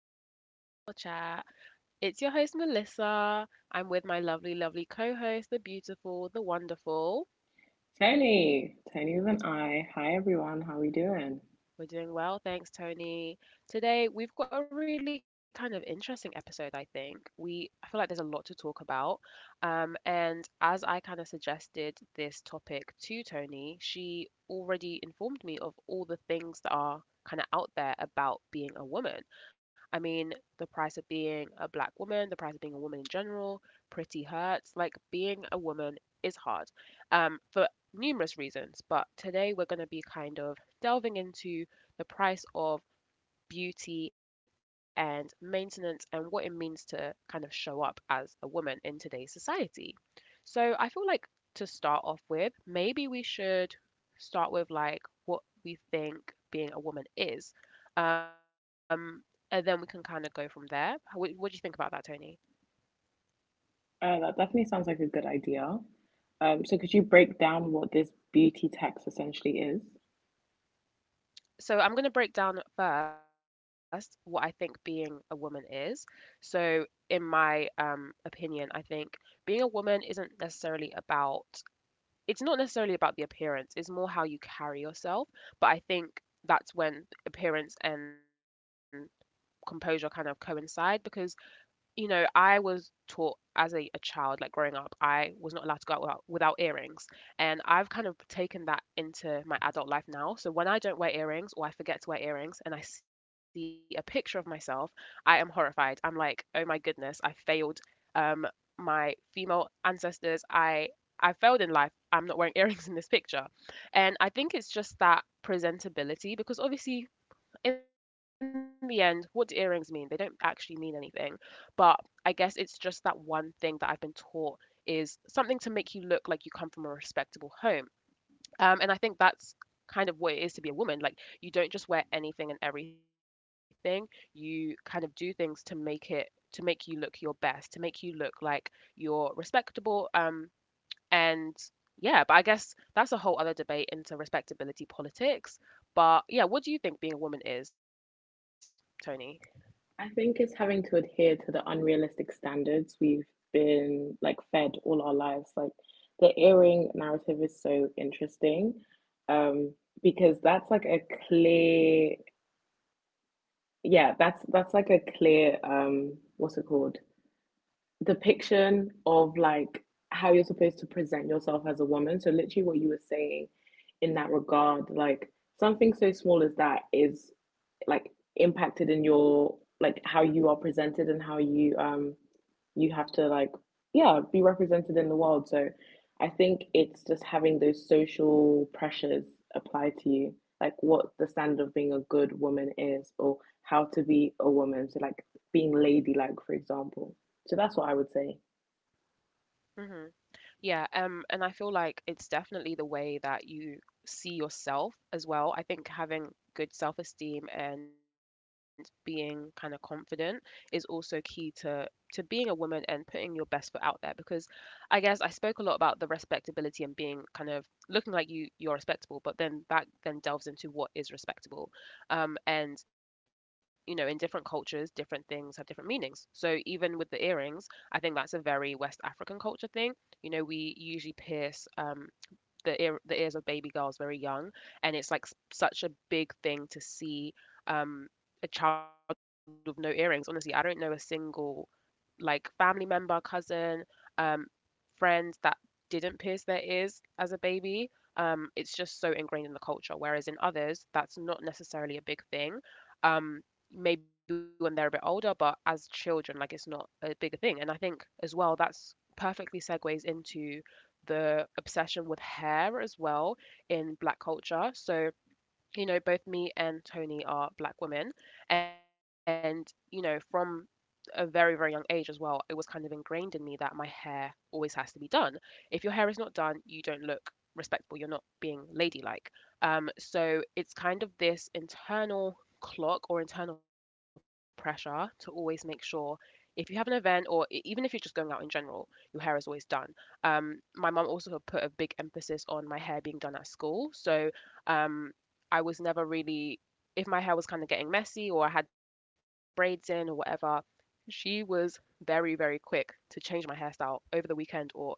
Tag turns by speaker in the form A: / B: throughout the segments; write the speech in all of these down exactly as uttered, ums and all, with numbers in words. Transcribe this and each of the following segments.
A: back to Girl Chat. It's your host, Melissa. I'm with my lovely, lovely co host, the beautiful, the wonderful.
B: Tony, Tony with an I. Hi everyone, how are we doing?
A: We're doing well, thanks, Tony. Today, we've got a really kind of interesting episode, I think. We I feel like there's a lot to talk about. Um, and as I kind of suggested this topic to Tony, she already informed me of all the things that are kind of out there about being a woman. I mean, the price of being a black woman, the price of being a woman in general, pretty hurts. Like being a woman is hard. Um, for numerous reasons, but today we're going to be kind of delving into the price of beauty and maintenance and what it means to kind of show up as a woman in today's society. So I feel like to start off with, maybe we should start with like what we think being a woman is. Um, and then we can kind of go from there. How- What, what do you think about that, Tony?
B: Uh, that definitely sounds like a good idea. Um, so could you break down what this beauty tax essentially is?
A: So I'm going to break down at first what I think being a woman is. So in my um, opinion, I think being a woman isn't necessarily about it's not necessarily about the appearance, it's more how you carry yourself. But I think that's when appearance and composure kind of coincide because you know, I was taught as a, a child, like growing up, I was not allowed to go out without, without earrings. And I've kind of taken that into my adult life now. So when I don't wear earrings or I forget to wear earrings and I see a picture of myself, I am horrified. I'm like, oh my goodness, I failed um, my female ancestors. I I failed in life. I'm not wearing earrings in this picture. And I think it's just that presentability because obviously in the end, what do earrings mean? They don't actually mean anything. But I guess it's just that one thing that I've been taught is something to make you look like you come from a respectable home. Um, and I think that's kind of what it is to be a woman. Like you don't just wear anything and everything. You kind of do things to make it to make you look your best, to make you look like you're respectable. Um, and yeah, but I guess that's a whole other debate into respectability politics. But yeah, what do you think being a woman is, Tony?
B: I think it's having to adhere to the unrealistic standards we've been like fed all our lives. Like the earring narrative is so interesting, um, because that's like a clear yeah, that's that's like a clear um what's it called? Depiction of like how you're supposed to present yourself as a woman. So literally what you were saying in that regard, like something so small as that is like impacted in your like how you are presented and how you um you have to like yeah be represented in the world. So I think it's just having those social pressures apply to you, like what the standard of being a good woman is or how to be a woman. So like being ladylike, for example. So that's what I would say.
A: hmm Yeah, um, and I feel like it's definitely the way that you see yourself as well. I think having good self-esteem and being kind of confident is also key to to being a woman and putting your best foot out there because I guess I spoke a lot about the respectability and being kind of looking like you you're respectable, but then that then delves into what is respectable. Um, and you know, in different cultures, different things have different meanings. So even with the earrings, I think that's a very West African culture thing. You know, we usually pierce um, the ear the ears of baby girls very young, and it's like s- such a big thing to see um, a child with no earrings. Honestly, I don't know a single like family member, cousin, um, friends that didn't pierce their ears as a baby. Um, it's just so ingrained in the culture. Whereas in others, that's not necessarily a big thing. Um, maybe when they're a bit older, but as children, like it's not a bigger thing. And I think as well, that's perfectly segues into the obsession with hair as well in black culture. So you know, both me and Tony are black women. And, you know, from a very, very young age as well, it was kind of ingrained in me that my hair always has to be done. If your hair is not done, you don't look respectable, you're not being ladylike. Um, so it's kind of this internal clock or internal pressure to always make sure if you have an event or e- even if you're just going out in general, your hair is always done. Um, my mum also put a big emphasis on my hair being done at school. So, um, I was never really, if my hair was kind of getting messy or I had braids in or whatever, she was very, very quick to change my hairstyle over the weekend or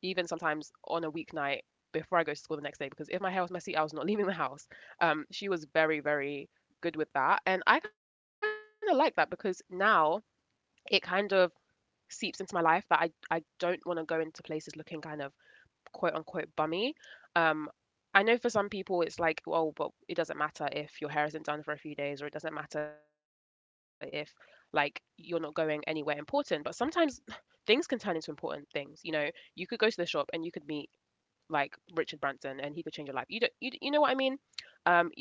A: even sometimes on a weeknight before I go to school the next day. Because if my hair was messy, I was not leaving the house. Um, she was very, very good with that. And I kind of like that because now it kind of seeps into my life that I, I don't want to go into places looking kind of quote unquote bummy. Um, I know for some people it's like, oh, but it doesn't matter if your hair isn't done for a few days, or it doesn't matter if like you're not going anywhere important. But sometimes things can turn into important things. You know, you could go to the shop and you could meet like Richard Branson and he could change your life. You don't, you, you know what I mean?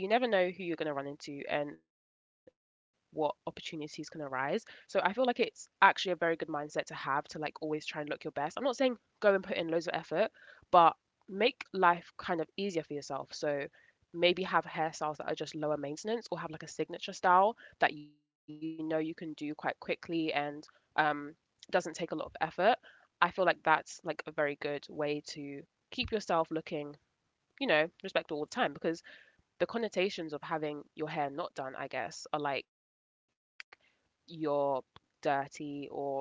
A: Um, you never know who you're going to run into and what opportunities can arise. So I feel like it's actually a very good mindset to have to like always try and look your best. I'm not saying go and put in loads of effort, but make life kind of easier for yourself. So maybe have hairstyles that are just lower maintenance or have like a signature style that you know you can do quite quickly and um, doesn't take a lot of effort. I feel like that's like a very good way to keep yourself looking, you know, respectable all the time because the connotations of having your hair not done, I guess, are like you're dirty or you don't.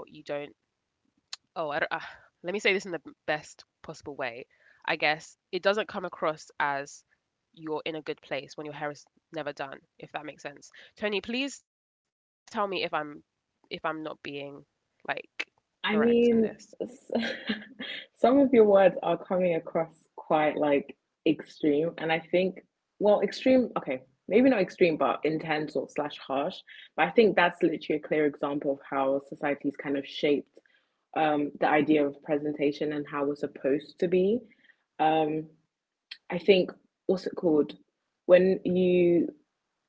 A: Oh, I don't, uh, Let me say this in the best possible way. I guess it doesn't come across as you're in a good place when your hair is never done, if that makes sense. Tony, please tell me if I'm if I'm not being like correct in
B: I
A: this.
B: mean, some of your words are coming across quite like extreme, and I think, well, extreme, okay, maybe not extreme, but intense or slash harsh. But I think that's literally a clear example of how society's kind of shaped um, the idea of presentation and how we're supposed to be. Um, I think what's it called when you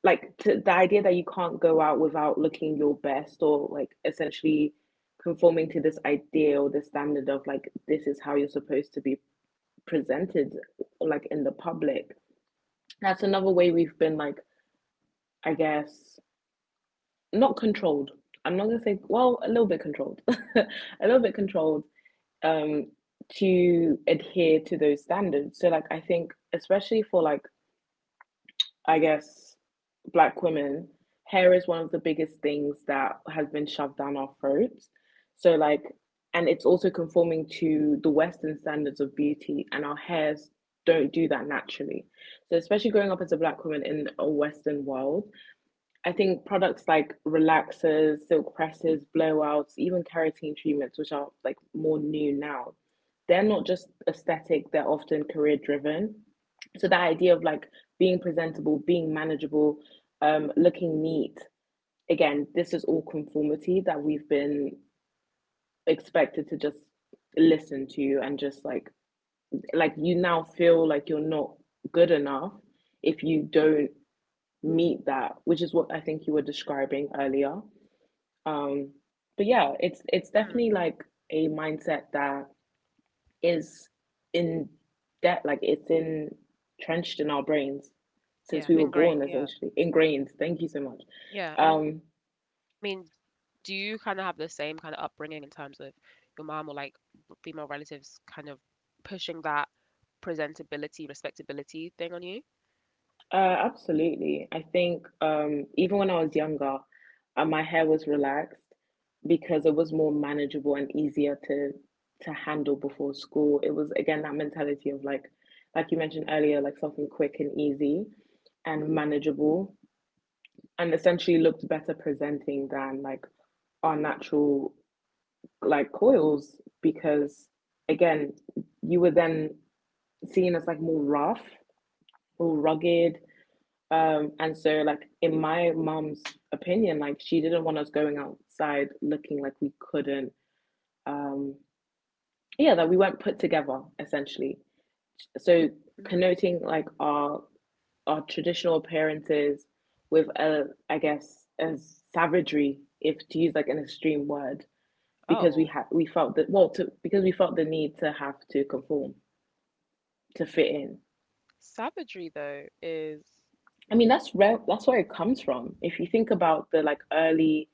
B: like to, the idea that you can't go out without looking your best or like essentially conforming to this idea or this standard of like this is how you're supposed to be presented like in the public. That's another way we've been like I guess not controlled. I'm not gonna say well a little bit controlled, a little bit controlled um to adhere to those standards. So like I think especially for like I guess, black women, hair is one of the biggest things that has been shoved down our throats. So, like, and it's also conforming to the Western standards of beauty, and our hairs don't do that naturally. So, especially growing up as a black woman in a Western world, I think products like relaxers, silk presses, blowouts, even keratin treatments, which are like more new now, they're not just aesthetic, they're often career driven. So that idea of like being presentable, being manageable, um, looking neat, again, this is all conformity that we've been expected to just listen to and just like like you now feel like you're not good enough if you don't meet that, which is what I think you were describing earlier. Um, but yeah, it's
A: Hmm.
B: it's definitely like a mindset that is in that like it's entrenched in our brains since we were
A: Yeah,
B: born,
A: ingrained.
B: essentially
A: Yeah.
B: ingrained. Thank you so much.
A: Yeah, I
B: Um,
A: mean, do you kind of have the same kind of upbringing in terms of your mom or like female relatives kind of pushing that presentability, respectability thing on you?
B: uh, absolutely. I think um, even when I was younger, uh, my hair was relaxed because it was more manageable and easier to to handle before school. It was again that mentality of like, like you mentioned earlier, like something quick and easy and manageable. And essentially looked better presenting than like our natural like coils because again you were then seen as like more rough, more rugged, um and so like in my mom's opinion, like she didn't want us going outside looking like we couldn't um yeah, that we weren't put together essentially, so
A: hmm
B: connoting like our our traditional appearances with a, I guess, a savagery, if to use like an extreme word,
A: Oh,
B: because we had we felt that, well to because we felt the need to have to conform to fit in.
A: savagery though is,
B: I mean that's re- that's where it comes from. If you think about the like early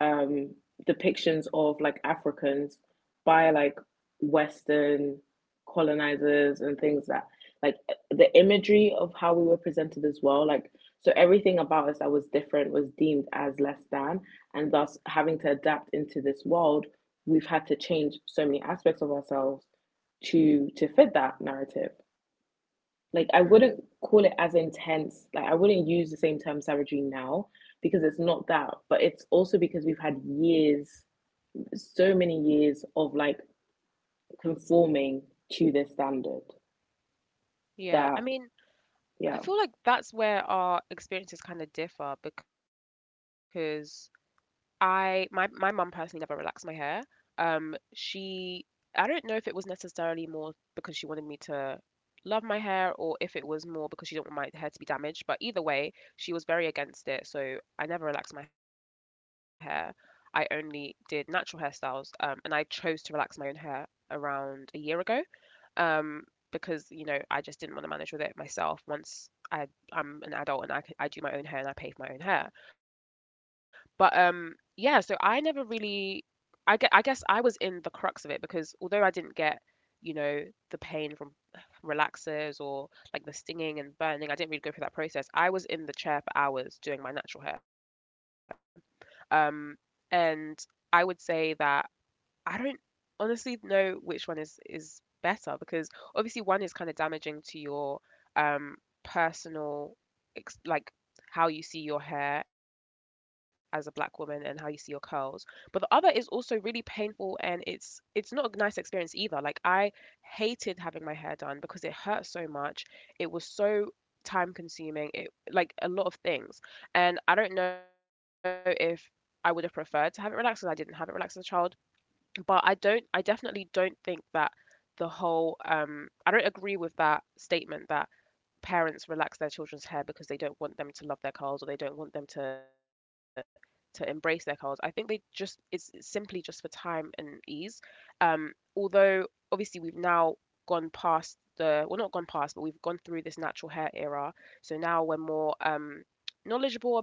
B: um depictions of like Africans by like Western colonizers and things that like the imagery of how we were presented as well, like so everything about us that was different was deemed as less than, and thus having to adapt into this world we've had to change so many aspects of ourselves to to fit that narrative. Like I
A: hmm,
B: wouldn't call it as intense. Like I wouldn't use the same term savagery now because it's not that, but it's also because we've had years, so many years of like conforming to this standard.
A: yeah. I
B: That
A: mean, I
B: yeah.
A: feel like that's where our experiences kind of differ because I my my mum personally never relaxed my hair. Um, she I don't know if it was necessarily more because she wanted me to love my hair or if it was more because she didn't want my hair to be damaged, but either way, she was very against it, so I never relaxed my hair. I only did natural hairstyles, um, and I chose to relax my own hair around a year ago um, because you know I just didn't want to manage with it myself. Once I I'm an adult and I c- I do my own hair and I pay for my own hair, but um, yeah. So I never really I get I guess I was in the crux of it because although I didn't get you know the pain from relaxers or like the stinging and burning, I didn't really go through that process. I was in the chair for hours doing my natural hair, um, and I would say that I don't honestly know which one is is better because obviously one is kind of damaging to your um personal ex- like how you see your hair as a black woman and how you see your curls, but the other is also really painful and it's it's not a nice experience either. Like I hated having my hair done because it hurt so much. It was so time consuming, it like a lot of things, and I don't know if I would have preferred to have it relaxed because I didn't have it relaxed as a child, but I don't I definitely don't think that the whole um I don't agree with that statement that parents relax their children's hair because they don't want them to love their curls or they don't want them to to embrace their curls. I think they just is simply just for time and ease. Um, although obviously we've now gone past the well not gone past but we've gone through this natural hair era. So now we're more um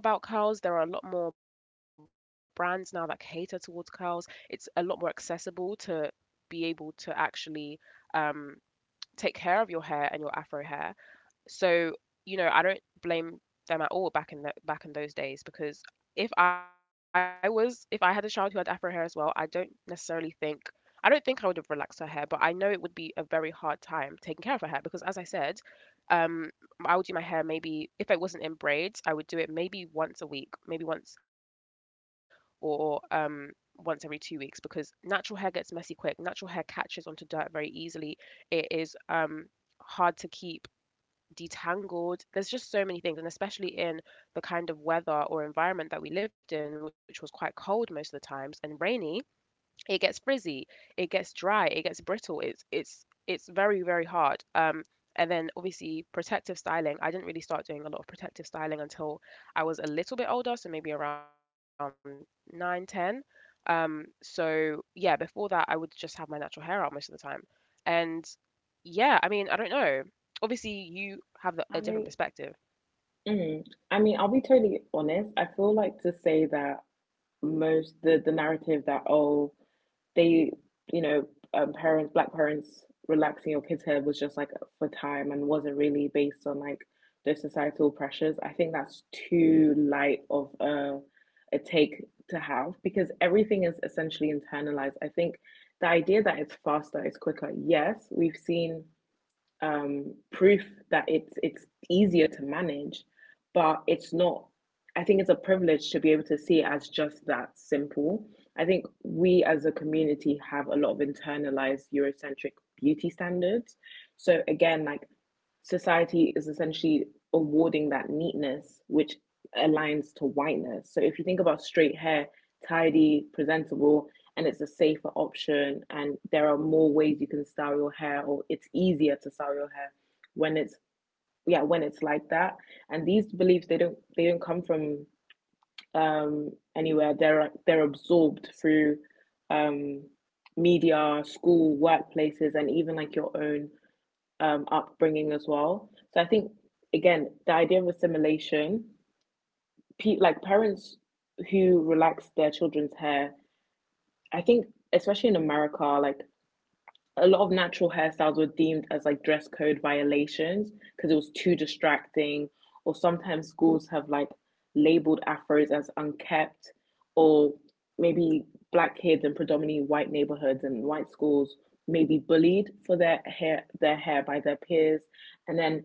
A: knowledgeable about curls. There are a lot more brands now that cater towards curls. It's a lot more accessible to be able to actually um, take care of your hair and your afro hair. So, you know, I don't blame them at all back in the, back in those days because if I was if I had a child who had afro hair as well, I don't necessarily think I don't think I would have relaxed her hair, but I know it would be a very hard time taking care of her hair because as I said, um I would do my hair maybe if it wasn't in braids, I would do it maybe once a week, maybe once or um once every two weeks because natural hair gets messy quick. Natural hair catches onto dirt very easily. It is um hard to keep detangled. There's just so many things, and especially in the kind of weather or environment that we lived in, which was quite cold most of the times and rainy, it gets frizzy, it gets dry, it gets brittle. It's it's it's very very hard. Um, and then obviously protective styling. I didn't really start doing a lot of protective styling until I was a little bit older, so maybe around nine, ten. Um, so yeah, before that, I would just have my natural hair out most of the time. And yeah, I mean, I don't know. Obviously, you have the-
B: I
A: a different
B: mean,
A: perspective,
B: mm, I mean, I'll be totally honest. I feel like to say that most the the narrative that oh they, you know, um, parents, black parents relaxing your kids' hair was just like for time and wasn't really based on like the societal pressures. I think that's too light of a, a take to have because everything is essentially internalized. I think the idea that it's faster, it's quicker. Yes, we've seen um, proof that it's it's easier to manage, but it's not. I think it's a privilege to be able to see it as just that simple. I think we as a community have a lot of internalized Eurocentric beauty standards. So again, like society is essentially awarding that neatness, which aligns to whiteness. So if you think about straight hair, tidy, presentable, and it's a safer option, and there are more ways you can style your hair, or it's easier to style your hair when it's yeah when it's like that. And these beliefs, they don't they don't come from um, anywhere. They're they're absorbed through um, media, school, workplaces, and even like your own um, upbringing as well. So I think again, the idea of assimilation, pe- like parents who relax their children's hair, I think especially in America, like a lot of natural hairstyles were deemed as like dress code violations because it was too distracting, or sometimes schools have like labeled afros as unkept, or maybe black kids in predominantly white neighborhoods and white schools may be bullied for their hair their hair by their peers, and then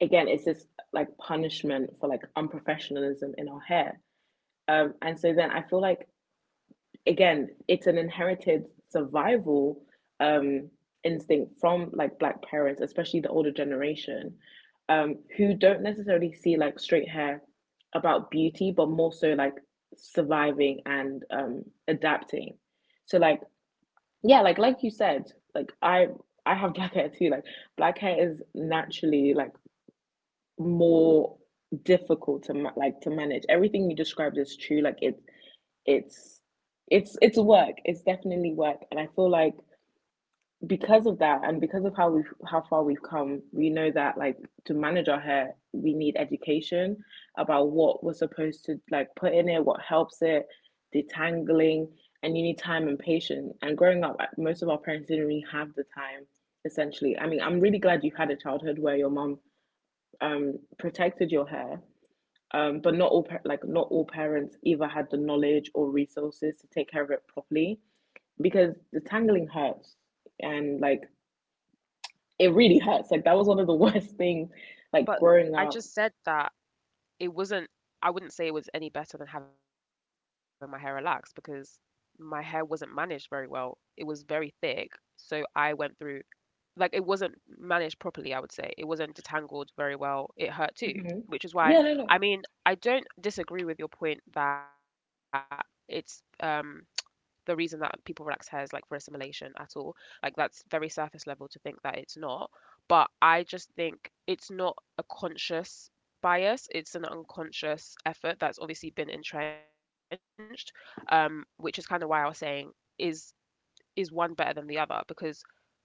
B: again it's this like punishment for like unprofessionalism in our hair. Um and so then I feel like again it's an inherited survival um instinct from like black parents, especially the older generation, um who don't necessarily see like straight hair about beauty but more so like surviving and um adapting. So like yeah, like like you said, like i i have black hair too. Like black hair is naturally like more difficult to ma- like to manage. Everything you described is true. Like it, it's it's it's work. It's definitely work, and I feel like because of that, and because of how we've how far we've come, we know that like to manage our hair, we need education about what we're supposed to like put in it, what helps it, detangling, and you need time and patience. And growing up, like, most of our parents didn't really have the time. Essentially, I mean, I'm really glad you had a childhood where your mom um protected your hair, um, but not all like not all parents either had the knowledge or resources to take care of it properly because the tangling hurts, and like it really hurts. Like that was one of the worst things
A: but
B: like
A: I
B: growing
A: just
B: up.
A: said that it wasn't, I wouldn't say it was any better than having my hair relaxed because my hair wasn't managed very well. It was very thick. So I went through, like, it wasn't managed properly, I would say. It wasn't detangled very well. It hurt too,
B: Hmm.
A: which is why,
B: Yeah, no,
A: I
B: no.
A: mean, I don't disagree with your point that it's, um, the reason that people relax hair is like for assimilation at all. Like that's very surface level to think that it's not. But I just think it's not a conscious bias. It's an unconscious effort that's obviously been entrenched, um, which is kind of why I was saying is is one better than the other because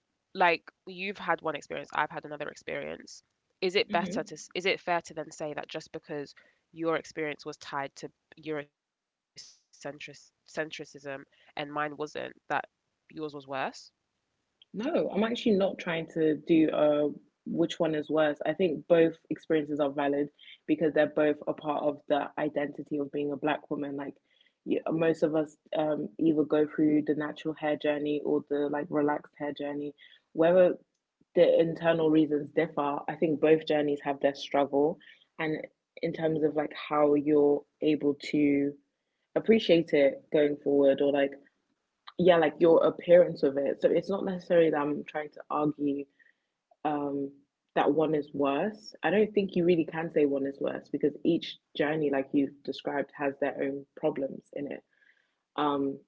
A: like you've had one experience, I've had another experience. Is it
B: Hmm.
A: better to, s- is it fair to then say that just because your experience was tied to Eurocentricism and mine wasn't, that yours was worse?
B: No, I'm actually not trying to do uh which one is worse. I think both experiences are valid because they're both a part of the identity of being a black woman. Like you, most of us um either go through the natural hair journey or the like relaxed hair journey. Whether the internal reasons differ, I think both journeys have their struggle and in terms of like how you're able to appreciate it going forward or like yeah, like your appearance of it. So it's not necessarily that I'm trying to argue um, that one is worse. I don't think you really can say one is worse because each journey, like you described, has their own problems in it. Um,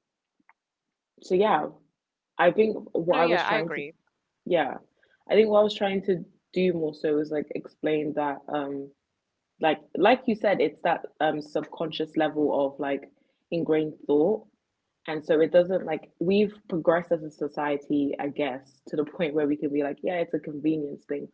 B: so yeah,
A: No,
B: I
A: yeah, I
B: think
A: agree.
B: what I was trying to, yeah, I think what I was trying to do more so was like explain that, um, like like you said, it's that um subconscious level of like ingrained thought. And
A: Hmm.
B: so it doesn't like we've progressed as a society, I guess, to the point where we could be like, yeah, it's a convenience thing.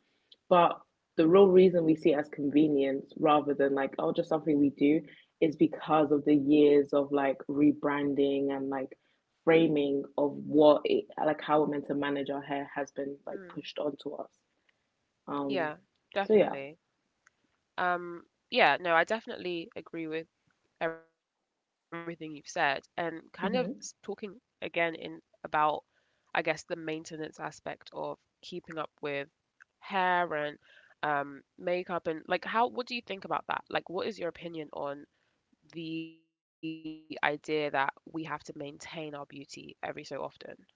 B: But the real reason we see it as convenience rather than like, oh, just something we do is because of the years of like rebranding and like framing of what it, like how we're meant to manage our hair has been like
A: Mm.
B: pushed onto us. Um,
A: Yeah,
B: so yeah.
A: definitely. Um, yeah, no, I definitely agree with everything you've said and kind of s- talking
B: Mm-hmm.
A: again in about I guess the maintenance aspect of keeping up with hair and um makeup and like how what do you think about that? Like what is your opinion on the idea that we have to maintain our beauty every so often?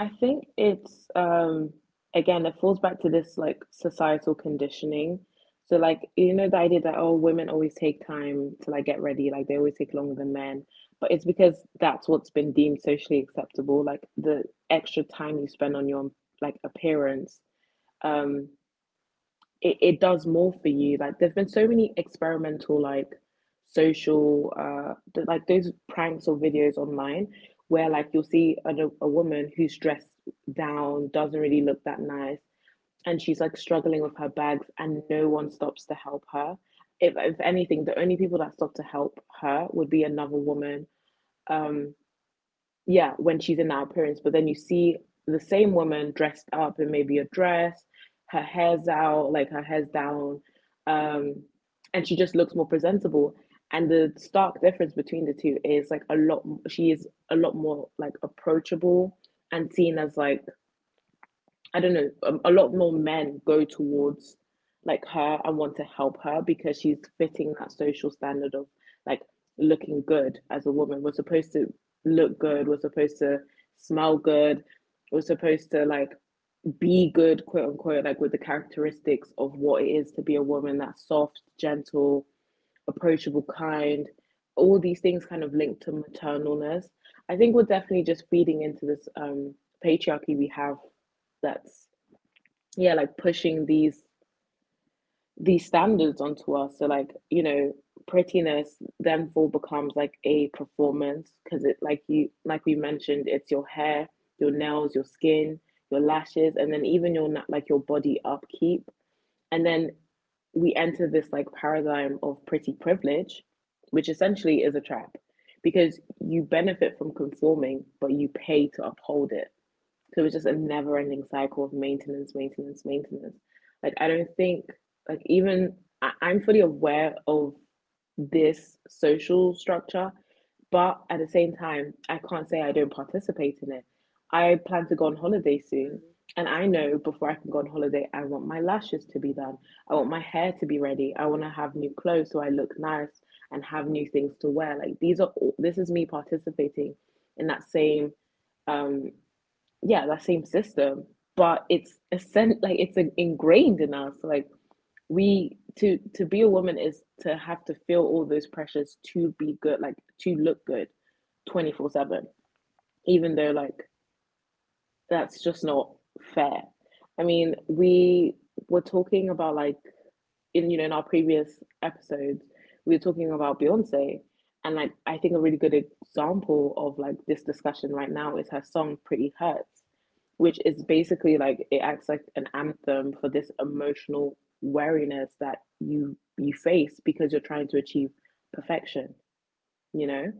B: I think it's um again it falls back to this like societal conditioning. So like you know the idea that oh women always take time to like get ready, like they always take longer than men. But it's because that's what's been deemed socially acceptable. Like the extra time you spend on your like appearance. Um it, it does more for you. Like there's been so many experimental like social uh th- like those pranks or videos online where like you'll see a, a woman who's dressed down, doesn't really look that nice, and she's like struggling with her bags and no one stops to help her. If if anything, the only people that stop to help her would be another woman, um, yeah, when she's in that appearance. But then you see the same woman dressed up in maybe a dress, her hair's out, like her hair's down, um, and she just looks more presentable. And the stark difference between the two is like a lot, she is a lot more like approachable and seen as like I don't know, um, a lot more men go towards like her and want to help her because she's fitting that social standard of like looking good as a woman. We're supposed to look good, we're supposed to smell good, we're supposed to like be good, quote unquote, like with the characteristics of what it is to be a woman. That soft, gentle, approachable, kind. All these things kind of linked to maternalness. I think we're definitely just feeding into this um, patriarchy we have that's yeah, like pushing these these standards onto us. So like you know, prettiness then therefore becomes like a performance, because it like you like we mentioned, it's your hair, your nails, your skin, your lashes, and then even your like your body upkeep. And then we enter this like paradigm of pretty privilege, which essentially is a trap, because you benefit from conforming but you pay to uphold it. So it was just a never ending cycle of maintenance, maintenance, maintenance. Like, I don't think, like, even I, I'm fully aware of this social structure, but at the same time, I can't say I don't participate in it. I plan to go on holiday soon, and
A: Mm,
B: I know before I can go on holiday, I want my lashes to be done, I want my hair to be ready, I want to have new clothes so I look nice and have new things to wear. Like, these are all, this is me participating in that same um yeah, that same system. But it's a sen- like it's in- ingrained in us like we to to be a woman is to have to feel all those pressures to be good, like to look good twenty-four seven, even though like that's just not fair. I mean, we were talking about like in you know in our previous episodes, we were talking about Beyonce, and like I think a really good example of like this discussion right now is her song "Pretty Hurts," which is basically like it acts like an anthem for this emotional wariness that you you face because you're trying to achieve perfection. You know.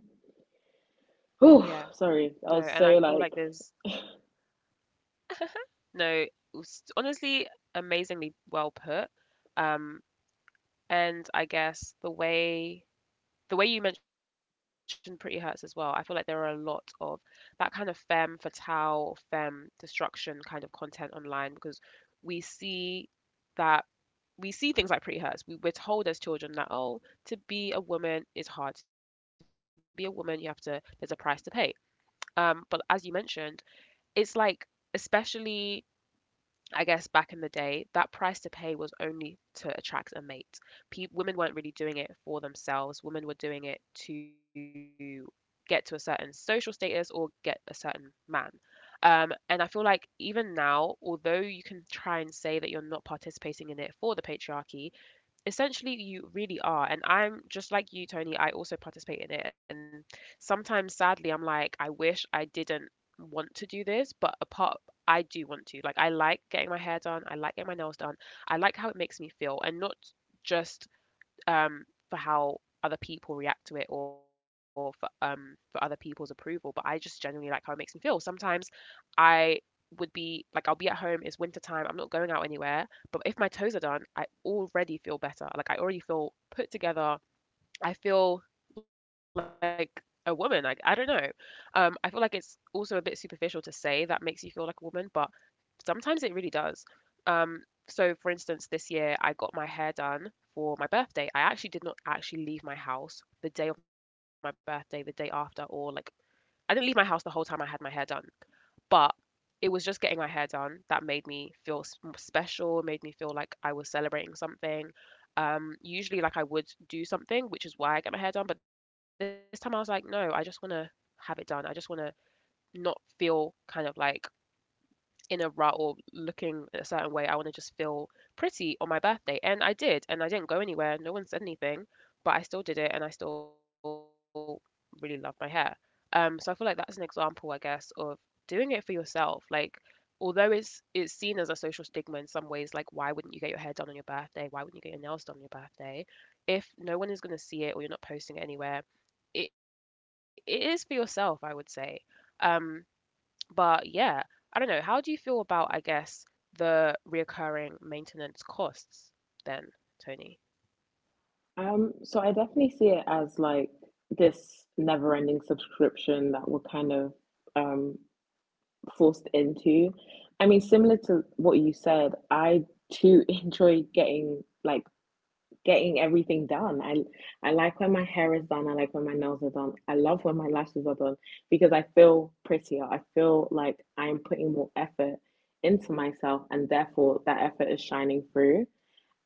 A: yeah.
B: Oh, sorry,
A: No,
B: I was
A: and I
B: so
A: feel
B: like
A: like there's no s- honestly amazingly well put. Um and I guess the way the way you mentioned Pretty Hurts as well, I feel like there are a lot of that kind of femme fatale, femme destruction kind of content online because we see that we see things like Pretty Hurts. We, we're told as children that oh, to be a woman is hard. To be a woman, you have to there's a price to pay. Um, but as you mentioned, it's like especially I guess back in the day, that price to pay was only to attract a mate. Pe- women weren't really doing it for themselves. Women were doing it to get to a certain social status or get a certain man. Um, and I feel like even now, although you can try and say that you're not participating in it for the patriarchy, essentially you really are, and I'm just like you, Tony, I also participate in it. And sometimes sadly I'm like I wish I didn't want to do this, but apart I do want to, like, I like getting my hair done, I like getting my nails done, I like how it makes me feel and not just um, for how other people react to it or for um for other people's approval, but I just genuinely like how it makes me feel. Sometimes I would be like I'll be at home, it's winter time, I'm not going out anywhere, but if my toes are done, I already feel better. Like I already feel put together. I feel like a woman, like I don't know. um I feel like it's also a bit superficial to say that makes you feel like a woman, but sometimes it really does. Um, so, for instance, this year I got my hair done for my birthday. I actually did not actually leave my house the day of my birthday, the day after, or like I didn't leave my house the whole time I had my hair done. But it was just getting my hair done that made me feel s- m- special, made me feel like I was celebrating something. Um, usually, like I would do something, which is why I get my hair done. But this time I was like, no, I just want to have it done. I just want to not feel kind of like in a rut or looking a certain way. I want to just feel pretty on my birthday. And I did. And I didn't go anywhere. No one said anything, but I still did it and I still really love my hair. Um, so I feel like that's an example, I guess, of doing it for yourself. Like, although it's it's seen as a social stigma in some ways, like why wouldn't you get your hair done on your birthday? Why wouldn't you get your nails done on your birthday? If no one is gonna see it or you're not posting it anywhere, it, it is for yourself, I would say. Um, but yeah, I don't know. How do you feel about, I guess, the reoccurring maintenance costs then, Tony?
B: Um, so I definitely see it as like this never-ending subscription that we're kind of um forced into. I mean, similar to what you said, I too enjoy getting like getting everything done. I I like when my hair is done, I like when my nails are done. I love when my lashes are done because I feel prettier. I feel like I'm putting more effort into myself and therefore that effort is shining through.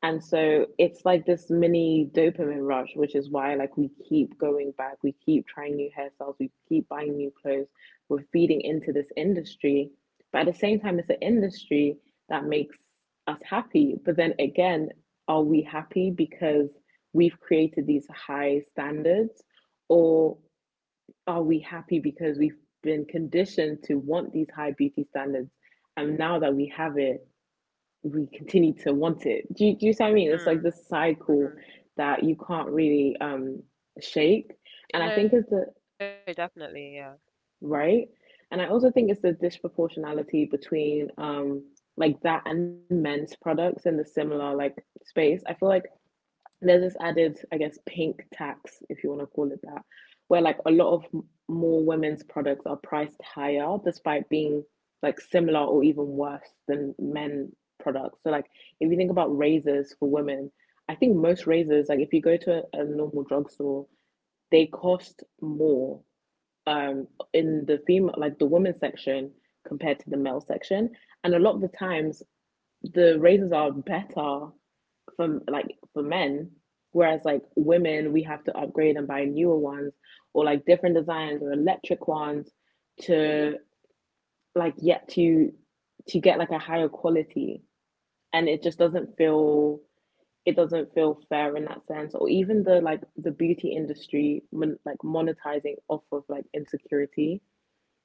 B: And so it's like this mini dopamine rush, which is why like we keep going back, we keep trying new hairstyles, we keep buying new clothes, we're feeding into this industry. But at the same time, it's an industry that makes us happy. But then again, are we happy because we've created these high standards? Or are we happy because we've been conditioned to want these high beauty standards? And now that we have it, we continue to want it. Do you, do you see what I mean? It's like this cycle
A: Mm,
B: that you
A: mm-hmm.
B: can't really um shake. And I think it's the
A: Eh, No, definitely, yeah.
B: right. And I also think it's the disproportionality between um like that and men's products in the similar like space. I feel like and there's this added, I guess, pink tax, if you want to call it that, where like a lot of more women's products are priced higher despite being like similar or even worse than men products. So like if you think about razors for women, I think most razors, like if you go to a, a normal drugstore, they cost more um in the female like the women's section compared to the male section. And a lot of the times the razors are better from like for men, whereas like women we have to upgrade and buy newer ones or like different designs or electric ones to like yet to to get like a higher quality. And it just doesn't feel, it doesn't feel fair in that sense. Or even the like the beauty industry mon- like monetizing off of like insecurity,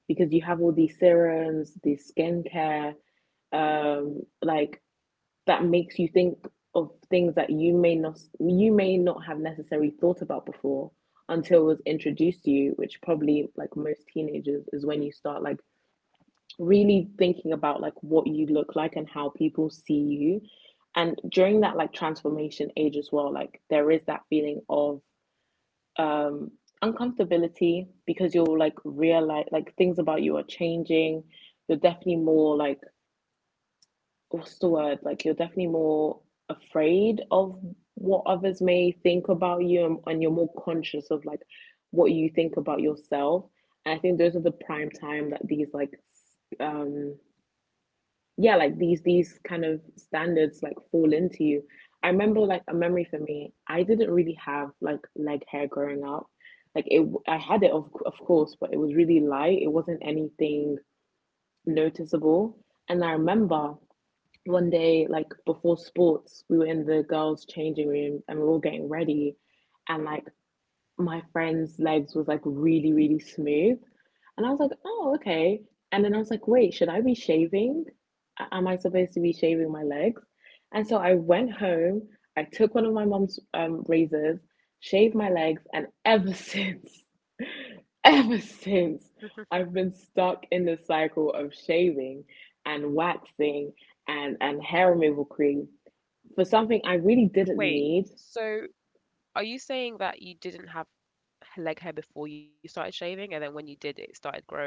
B: because you have all these serums, these skincare um like, that makes you think of things that you may not you may not have necessarily thought about before until it was introduced to you, which probably like most teenagers is when you start like really thinking about like what you look like and how people see you. And during that like transformation age as well, like there is that feeling of um uncomfortability, because you will like realize like things about you are changing. You're definitely more like, what's the word? Like you're definitely more afraid of what others may think about you, and, and you're more conscious of like what you think about yourself. And I think those are the prime time that these like um yeah, like these these kind of standards like fall into you. I remember like a memory for me, I didn't really have like leg hair growing up. Like it I had it of of course, but it was really light. It wasn't anything noticeable. And I remember one day, like before sports, we were in the girls' changing room and we were all getting ready. And like my friend's legs was like really, really smooth. And I was like, oh, okay. And then I was like, wait, should I be shaving? Am I supposed to be shaving my legs? And so I went home, I took one of my mom's um, razors, shaved my legs, and ever since, ever since, I've been stuck in the cycle of shaving and waxing and, and hair removal cream for something I really didn't
A: Wait,
B: need.
A: so are you saying that you didn't have h- leg hair before you started shaving, and then when you did, it started growing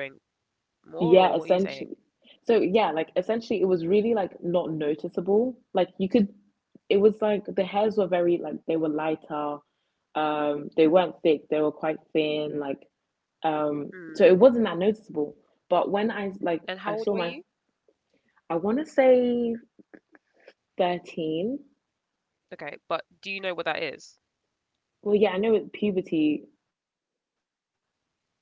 A: more, or what
B: Yeah,
A: are you saying?
B: essentially. So yeah, like essentially it was really like not noticeable. Like you could it was like the hairs were very like they were lighter. Um they weren't thick, they were quite thin, like um
A: Mm.
B: so it wasn't that noticeable. But when I like
A: And how
B: I
A: old
B: saw
A: were
B: my
A: you?
B: I want to say thirteen.
A: Okay, but do you know what that is?
B: Well, yeah, I know it, puberty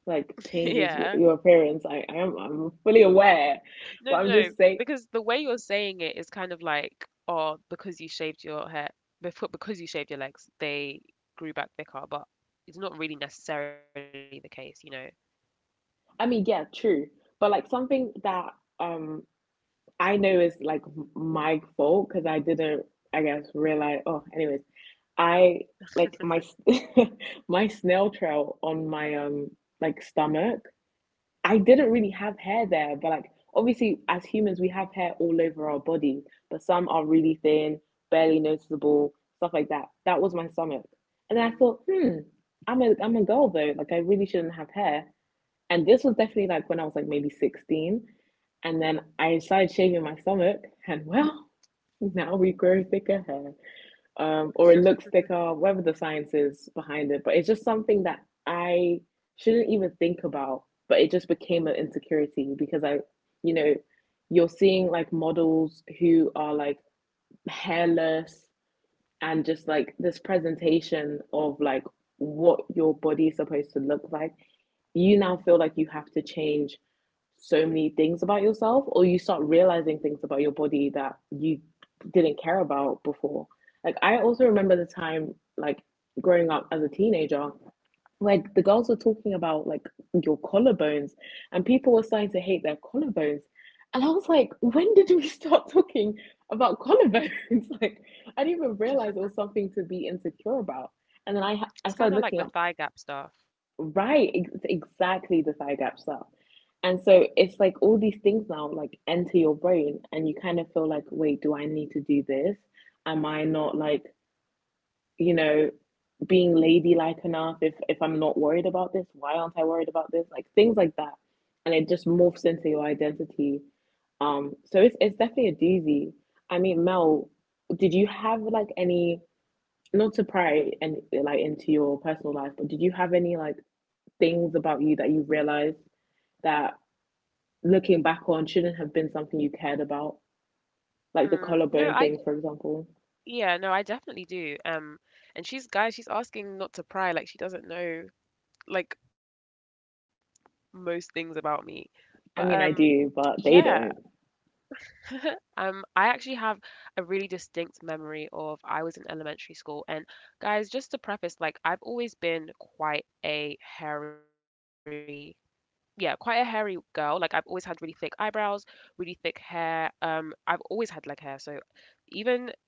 B: like
A: Yeah.
B: changes your, your appearance. I, I am I'm fully aware,
A: No,
B: but
A: no,
B: I'm
A: no,
B: just saying
A: because the way you're saying it is kind of like, oh, because you shaved your hair, before, because you shaved your legs, they grew back thicker, but it's not really necessarily the case, you know.
B: I mean, yeah, true. But like something that um I know it's like my fault because I didn't, I guess, realize. Oh, anyways, I like my my snail trail on my um like stomach. I didn't really have hair there, but like obviously as humans we have hair all over our body, but some are really thin, barely noticeable, stuff like that. That was my stomach, and I thought, hmm,
A: Mm.
B: I'm a I'm a girl though. Like I really shouldn't have hair, and this was definitely like when I was like maybe sixteen. And then I started shaving my stomach, and well, now we grow thicker hair, um, or it looks thicker, whatever the science is behind it. But it's just something that I shouldn't even think about, but it just became an insecurity because I, you know, you're seeing like models who are like hairless and just like this presentation of like what your body is supposed to look like. You now feel like you have to change so many things about yourself, or you start realizing things about your body that you didn't care about before. Like, I also remember the time, like, growing up as a teenager, like the girls were talking about, like, your collarbones, and people were starting to hate their collarbones. And I was like, when did we start talking about collarbones? like, I didn't even realize it was something to be insecure about. And then I, I started looking up
A: It's kind of like the thigh gap stuff.
B: Right, ex- exactly, the thigh gap stuff. And so it's like all these things now like enter your brain and you kind of feel like, wait, do I need to do this? Am I not like, you know, being ladylike enough if if I'm not worried about this? Why aren't I worried about this? Like things like that. And it just morphs into your identity. Um, so it's it's definitely a doozy. I mean, Mel, did you have like any not to pry and like into your personal life, but did you have any like things about you that you realized that looking back on shouldn't have been something you cared about? Like the collarbone thing,
A: Mm.
B: for
A: No, I,
B: example.
A: yeah, no, I definitely do. Um, and she's, guys, she's asking not to pry, like she doesn't know like most things about me.
B: I
A: But
B: mean, I
A: um,
B: do, but they don't.
A: yeah, Um, I actually have a really distinct memory of I was in elementary school, and guys, just to preface, like I've always been quite a hairy, yeah, quite a hairy girl. Like I've always had really thick eyebrows, really thick hair. Um, I've always had leg hair, so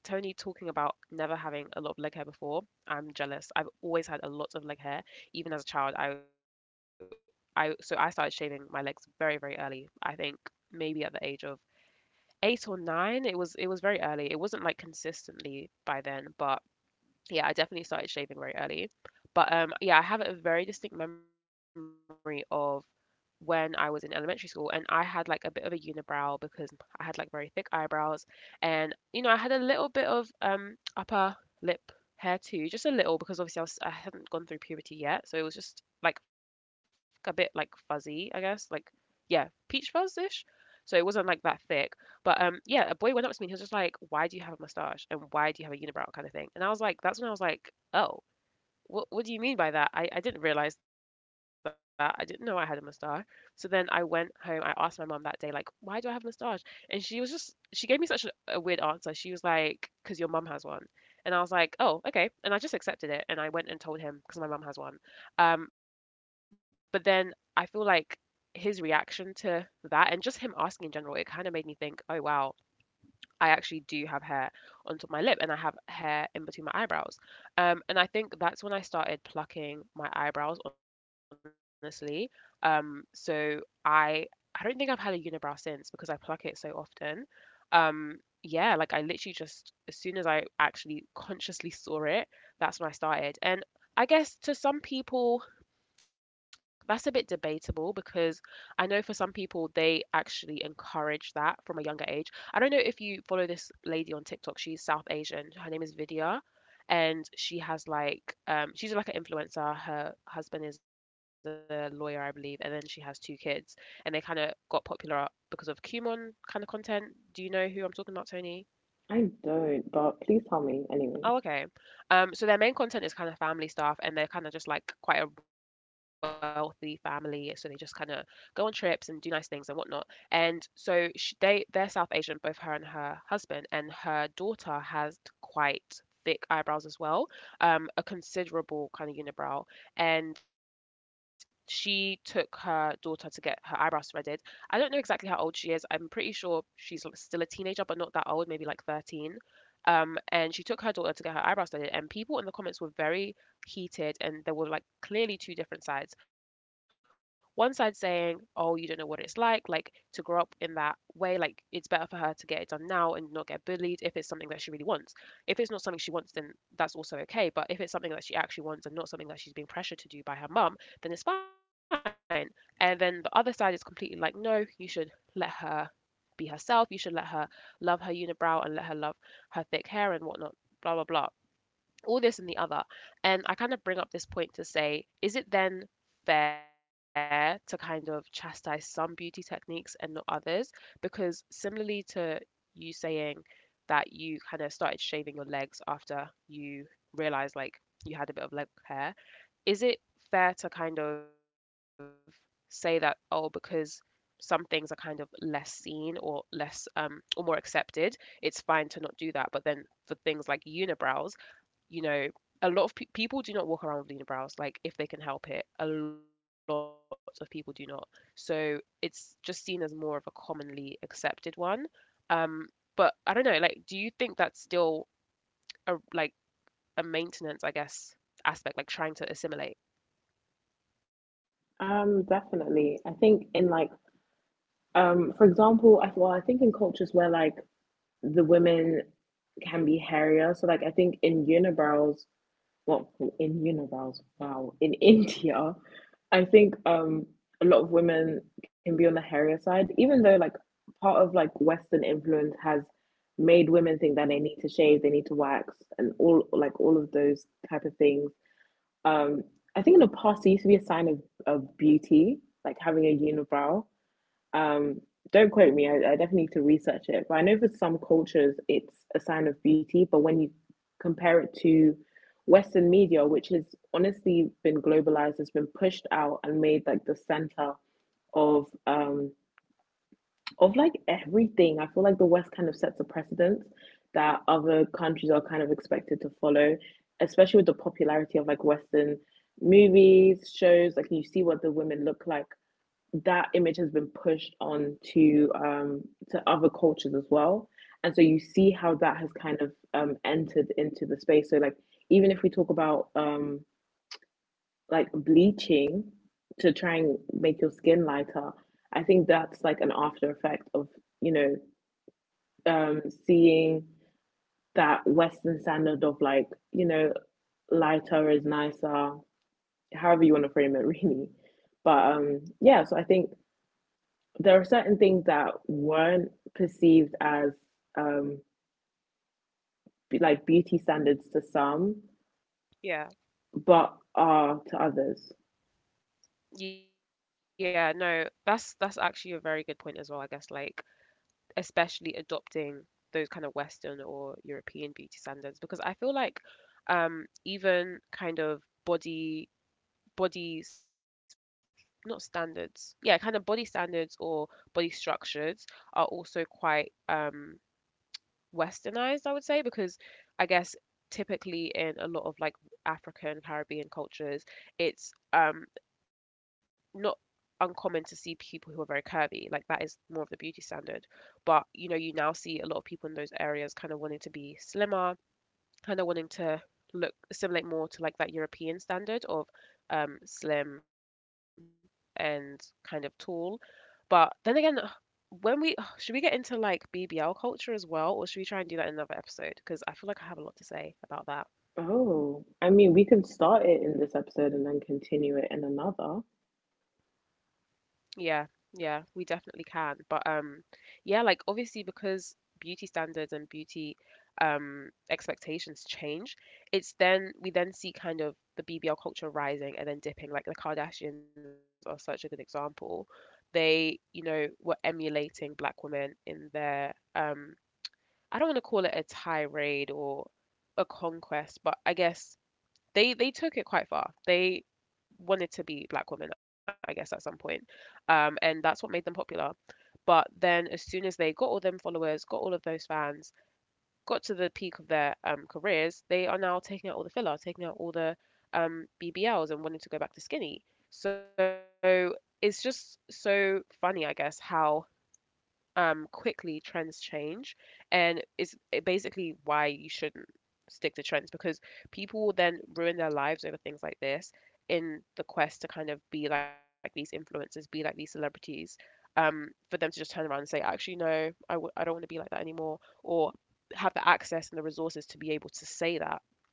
A: even Tony talking about never having a lot of leg hair before, I'm jealous. I've always had a lot of leg hair, even as a child. I I so I started shaving my legs very, very early. I think maybe at the age of eight or nine, it was it was very early. It wasn't like consistently by then, but yeah, I definitely started shaving very early. But um yeah, I have a very distinct memory of when I was in elementary school and I had like a bit of a unibrow because I had like very thick eyebrows and you know, I had a little bit of um upper lip hair too, just a little because obviously I was I hadn't gone through puberty yet, so it was just like a bit like fuzzy, I guess, like yeah, peach fuzz-ish. So it wasn't like that thick, but um, yeah, a boy went up to me and he was just like, "Why do you have a mustache and why do you have a unibrow?" kind of thing. And I was like, that's when I was like, oh, what what do you mean by that? I, I didn't realize that. I didn't know I had a mustache. So then I went home. I asked my mom that day, like, why do I have a mustache? And she was just, she gave me such a, a weird answer. She was like, because your mom has one. And I was like, oh, okay. And I just accepted it. And I went and told him because my mom has one. Um, but then I feel like his reaction to that and just him asking in general, it kind of made me think, oh, wow, I actually do have hair onto my lip and I have hair in between my eyebrows. Um, and I think that's when I started plucking my eyebrows, honestly. Um, so I I don't think I've had a unibrow since because I pluck it so often. Um, yeah, like I literally just as soon as I actually consciously saw it, that's when I started. And I guess to some people that's a bit debatable because I know for some people they actually encourage that from a younger age. I don't know if you follow this lady on TikTok. She's South Asian. Her name is Vidya, and she has like um she's like an influencer. Her husband is a lawyer, I believe, and then she has two kids, and they kind of got popular because of Kumon kind of content. Do you know who I'm talking about, Tony?
B: I don't, but please tell me, anyways.
A: Oh, okay. Um, so their main content is kind of family stuff, and they're kind of just like quite a wealthy family, so they just kind of go on trips and do nice things and whatnot. And so sh they they're South Asian, both her and her husband, and her daughter has quite thick eyebrows as well, um, a considerable kind of unibrow. And she took her daughter to get her eyebrows threaded. I don't know exactly how old she is. I'm pretty sure she's l- still a teenager, but not that old, maybe like thirteen. Um, and she took her daughter to get her eyebrows done, and people in the comments were very heated, and there were like clearly two different sides. One side saying, "Oh, you don't know what it's like, like to grow up in that way, like it's better for her to get it done now and not get bullied if it's something that she really wants. If it's not something she wants, then that's also okay. But if it's something that she actually wants and not something that she's being pressured to do by her mum, then it's fine." And then the other side is completely like, no, you should let her be herself. You should let her love her unibrow and let her love her thick hair and whatnot, blah, blah, blah. All this and the other. And I kind of bring up this point to say, is it then fair to kind of chastise some beauty techniques and not others? Because similarly to you saying that you kind of started shaving your legs after you realized like you had a bit of leg hair, is it fair to kind of say that, oh, because some things are kind of less seen or less um, or more accepted, it's fine to not do that. But then for things like unibrows, you know, a lot of pe- people do not walk around with unibrows, like if they can help it. A lot of people do not. So it's just seen as more of a commonly accepted one. Um, but I don't know, like, do you think that's still a like a maintenance, I guess, aspect, like trying to assimilate?
B: Um, definitely. I think in like, um, for example, I well, I think in cultures where like the women can be hairier, so like I think in unibrows, well in univals wow in India. I think um a lot of women can be on the hairier side, even though like part of like Western influence has made women think that they need to shave, they need to wax, and all like all of those type of things. um I think in the past it used to be a sign of, of beauty, like having a unibrow. um, don't quote me, I, I definitely need to research it. But I know for some cultures it's a sign of beauty, but when you compare it to Western media, which has honestly been globalized, has been pushed out and made like the center of um of like everything. I feel like the West kind of sets a precedent that other countries are kind of expected to follow, especially with the popularity of like Western movies, shows, like you see what the women look like. That image has been pushed on to um, to other cultures as well, and so you see how that has kind of um, entered into the space. So like even if we talk about um, like bleaching to try and make your skin lighter, I think that's like an after effect of you know um, seeing that Western standard of like you know lighter is nicer, however you want to frame it, really. But um, yeah, so I think there are certain things that weren't perceived as um like beauty standards to some but
A: Yeah.
B: are to others.
A: Yeah, no, that's that's actually a very good point as well, I guess, like especially adopting those kind of Western or European beauty standards because I feel like um even kind of body bodies, not standards. Yeah, kind of body standards or body structures are also quite um westernized, I would say, because I guess typically in a lot of like African, Caribbean cultures, it's um not uncommon to see people who are very curvy. Like that is more of the beauty standard. But you know, you now see a lot of people in those areas kind of wanting to be slimmer, kind of wanting to look assimilate more to like that European standard of um slim and kind of tall. But then again, when we should we get into like B B L culture as well, or should we try and do that in another episode? Because I feel like I have a lot to say about that.
B: Oh, I mean we can start it in this episode and then continue it in another.
A: Yeah, yeah, we definitely can. But um yeah, like obviously because beauty standards and beauty um expectations change, it's then we then see kind of the B B L culture rising and then dipping. Like the Kardashians are such a good example. They, you know, were emulating black women in their um I don't want to call it a tirade or a conquest, but I guess they they took it quite far. They wanted to be black women, I guess, at some point. Um, and that's what made them popular. But then, as soon as they got all them followers, got all of those fans, got to the peak of their um, careers, they are now taking out all the filler, taking out all the um, B B Ls, and wanting to go back to skinny. So it's just so funny, I guess, how um, quickly trends change, and it's basically why you shouldn't stick to trends because people will then ruin their lives over things like this in the quest to kind of be like these influencers, be like these celebrities, um, for them to just turn around and say, actually, no, I w- I don't want to be like that anymore, or have the access and the resources to be able to say that.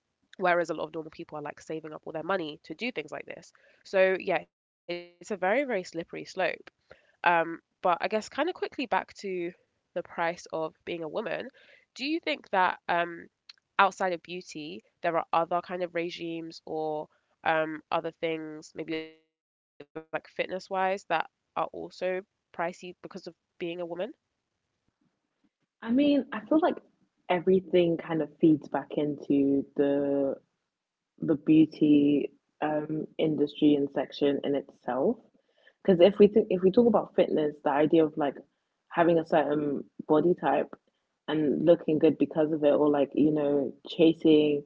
A: Whereas a lot of normal people are like saving up all their money to do things like this. So, yeah, it's a very, very slippery slope. Um, but I guess kind of quickly back to the price of being a woman, do you think that um, outside of beauty, there are other kind of regimes or um, other things, maybe like fitness wise, that are also pricey because of being a woman?
B: I mean, I feel like everything kind of feeds back into the the beauty um, industry and section in itself. Because if we think, if we talk about fitness, the idea of like having a certain body type and looking good because of it, or like you know chasing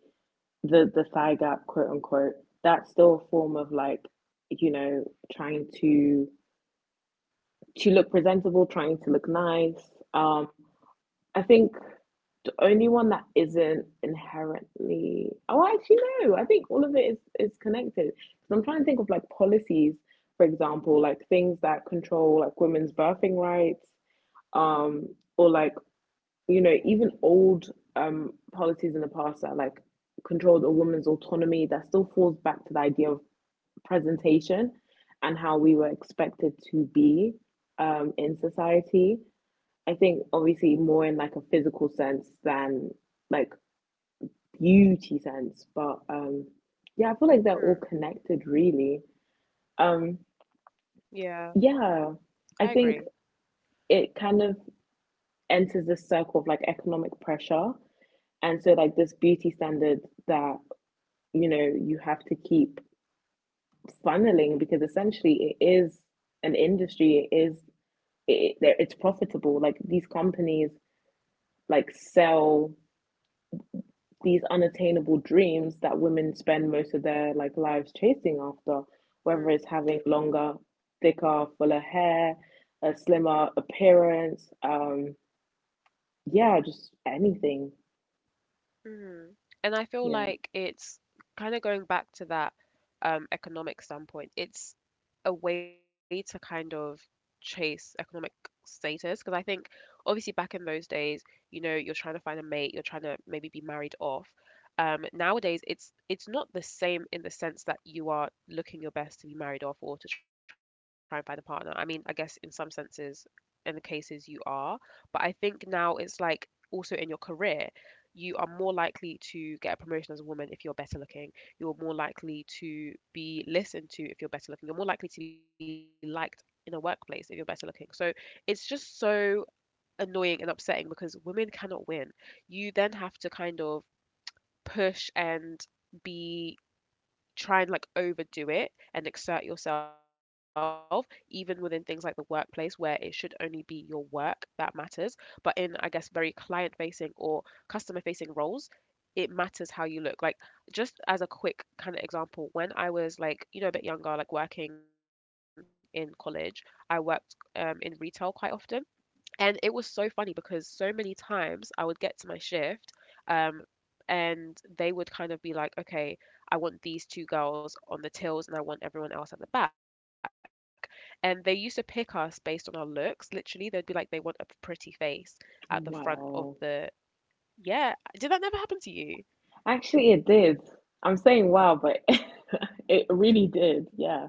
B: the the thigh gap, quote unquote, that's still a form of like you know trying to to look presentable, trying to look nice. Um, I think the only one that isn't inherently, oh actually no, I think all of it is connected. is connected 'Cause I'm trying to think of like policies, for example, like things that control like women's birthing rights, um or like you know even old um policies in the past that like controlled a woman's autonomy that still falls back to the idea of presentation and how we were expected to be um in society. I think obviously more in like a physical sense than like beauty sense, but um yeah, I feel like they're all
A: Hmm.
B: connected really. Um
A: Yeah,
B: yeah,
A: I
B: I
A: agree.
B: think it kind of enters this circle of like economic pressure, and so like this beauty standard that you know you have to keep funneling because essentially it is an industry, it is it, it's profitable. Like these companies like sell these unattainable dreams that women spend most of their like lives chasing after, whether it's having
A: Mm,
B: longer, thicker, fuller hair, a slimmer appearance, um, yeah, just anything.
A: mhm. And I feel
B: Yeah.
A: like it's kind of going back to that um, economic standpoint. It's a way to kind of chase economic status because I think obviously back in those days, you know, you're trying to find a mate, you're trying to maybe be married off. Um, nowadays, it's it's not the same in the sense that you are looking your best to be married off or to try and find a partner. I mean, I guess in some senses, in the cases you are, but I think now it's like also in your career, you are more likely to get a promotion as a woman if you're better looking, you're more likely to be listened to if you're better looking. You're more likely to be liked in a workplace if you're better looking. So it's just so annoying and upsetting because women cannot win. You then have to kind of push and be try and like overdo it and exert yourself even within things like the workplace where it should only be your work that matters, but in I guess very client facing or customer facing roles, it matters how you look. Like, just as a quick kind of example, when I was like, you know, a bit younger, like working in college, I worked um, in retail quite often. And it was so funny because so many times I would get to my shift, um, and they would kind of be like, okay, I want these two girls on the tills and I want everyone else at the back. And they used to pick us based on our looks. Literally, they'd be like, they want a pretty face at the front of
B: Wow.
A: the. Yeah. Did that never happen to you?
B: Actually, it did. I'm saying wow, but it really did. Yeah.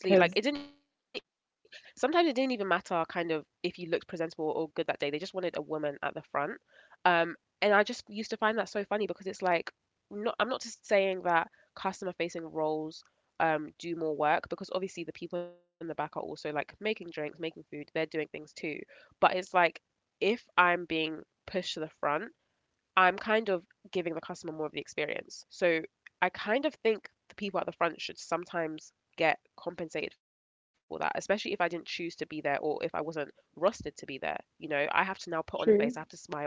B: Because
A: Honestly, like it didn't sometimes it didn't even matter kind of if you looked presentable or good that day. They just wanted a woman at the front. Um, and I just used to find that so funny because it's like not I'm not just saying that customer facing roles um do more work because obviously the people in the back are also like making drinks, making food, they're doing things too. But it's like if I'm being pushed to the front, I'm kind of giving the customer more of the experience. So I kind of think the people at the front should sometimes get compensated for that, especially if I didn't choose to be there or if I wasn't rostered to be there. You know, I have to now put on a face, I have
B: true.
A: to smile,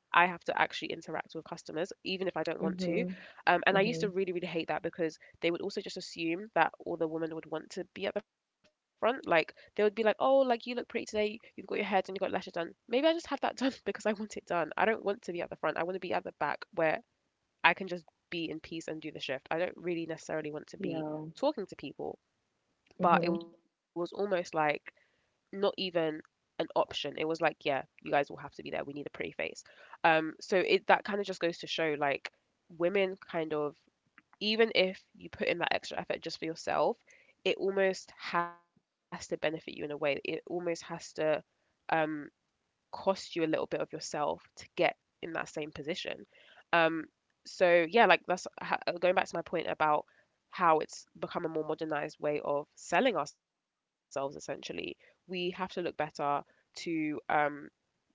A: I have to actually interact with customers, even if I don't want
B: Mm-hmm.
A: to. Um, and
B: Mm-hmm.
A: I used to really, really hate that because they would also just assume that all the women would want to be at the front. Like they would be like, "Oh, like you look pretty today. You've got your hair done. You've got lashes done." Maybe I just have that done because I want it done. I don't want to be at the front. I want to be at the back where I can just be in peace and do the shift. I don't really necessarily want to
B: Yeah.
A: be talking to people.
B: Mm-hmm.
A: But it was almost like not even an option. It was like, yeah, you guys will have to be there. We need a pretty face. Um, so it that kind of just goes to show like women kind of, even if you put in that extra effort just for yourself, it almost has to benefit you in a way. It almost has to um cost you a little bit of yourself to get in that same position. Um, so yeah, like that's going back to my point about how it's become a more modernized way of selling ourselves. Essentially, we have to look better to um,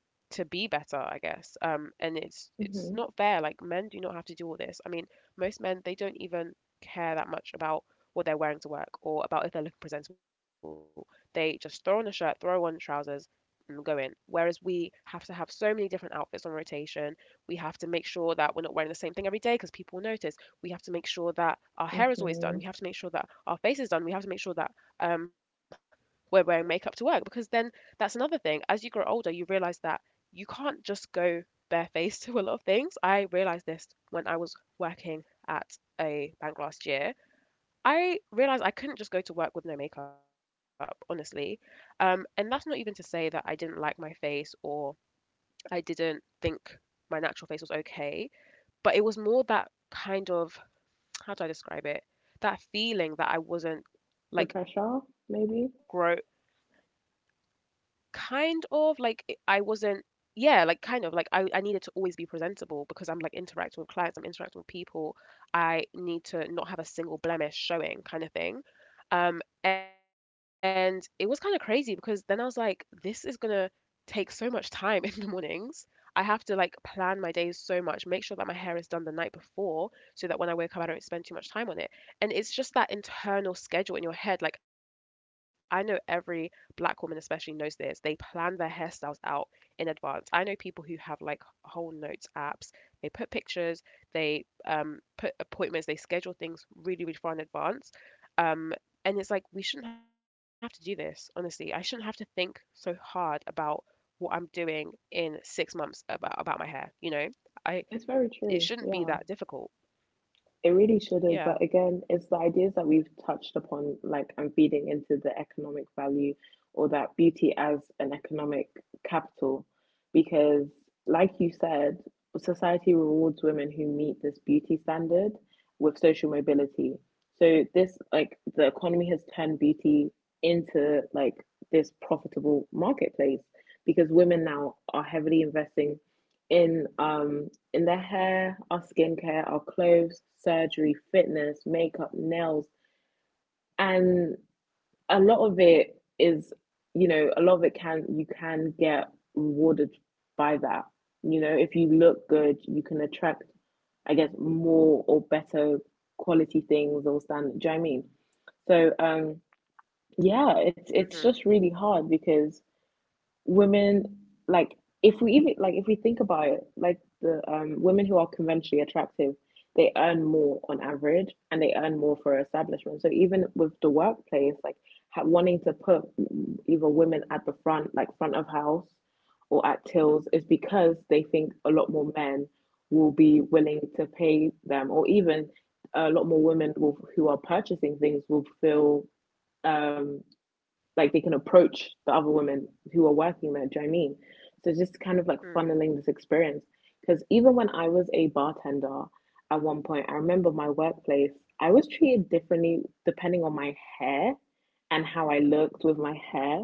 A: to be better, I guess. Um, and it's it's
B: Mm-hmm.
A: not fair. Like men do not have to do all this. I mean, most men they don't even care that much about what they're wearing to work or about if they're looking presentable. They just throw on a shirt, throw on trousers, and go in. Whereas we have to have so many different outfits on rotation. We have to make sure that we're not wearing the same thing every day because people will notice. We have to make sure that our
B: Mm-hmm.
A: hair is always done. We have to make sure that our face is done. We have to make sure that um, we're wearing makeup to work because then that's another thing. As you grow older, you realize that you can't just go barefaced to a lot of things. I realized this when I was working at a bank last year. I realized I couldn't just go to work with no makeup, honestly. Um, and that's not even to say that I didn't like my face or I didn't think my natural face was okay, but it was more that kind of, how do I describe it? That feeling that I wasn't
B: The pressure,
A: like
B: maybe.
A: grow kind of, like, i I wasn't, yeah, like, kind of, like, I I needed to always be presentable because I'm, like, interacting with clients, I'm interacting with people. I need to not have a single blemish showing kind of thing. Um, and it was kinda crazy because then I was like, "This is gonna take so much time in the mornings. I have to like plan my days so much, make sure that my hair is done the night before so that when I wake up, I don't spend too much time on it." And it's just that internal schedule in your head. Like, I know every black woman, especially, knows this. They plan their hairstyles out in advance. I know people who have like whole notes apps. They put pictures, they um, put appointments, they schedule things really, really far in advance. Um, and it's like, we shouldn't have to do this, honestly. I shouldn't have to think so hard about what I'm doing in six months about about my hair. You know, I,
B: It's very
A: it
B: true.
A: shouldn't be that
B: Yeah.
A: difficult.
B: It really should have, but
A: Yeah.
B: again, it's the ideas that we've touched upon, like I'm feeding into the economic value or that beauty as an economic capital. Because, like you said, society rewards women who meet this beauty standard with social mobility. So, this, like, the economy has turned beauty into like this profitable marketplace because women now are heavily investing in um in the hair, our skincare, our clothes, surgery, fitness, makeup, nails, and a lot of it is, you know, a lot of it can, you can get rewarded by that. You know, if you look good, you can attract, I guess, more or better quality things or standard. Do you know what I mean? So, um, yeah,
A: Mhm.
B: it's it's just really hard because women like if we even like if we think about it, like the um women who are conventionally attractive, they earn more on average and they earn more for establishment. So even with the workplace, like ha- wanting to put either women at the front, like front of house or at tills, is because they think a lot more men will be willing to pay them, or even a lot more women will, who are purchasing things, will feel um like they can approach the other women who are working there. Do you know what I mean? So just kind
A: Hmm.
B: of like funneling this experience. Because even when I was a bartender at one point, I remember my workplace, I was treated differently depending on my hair and how I looked with my hair.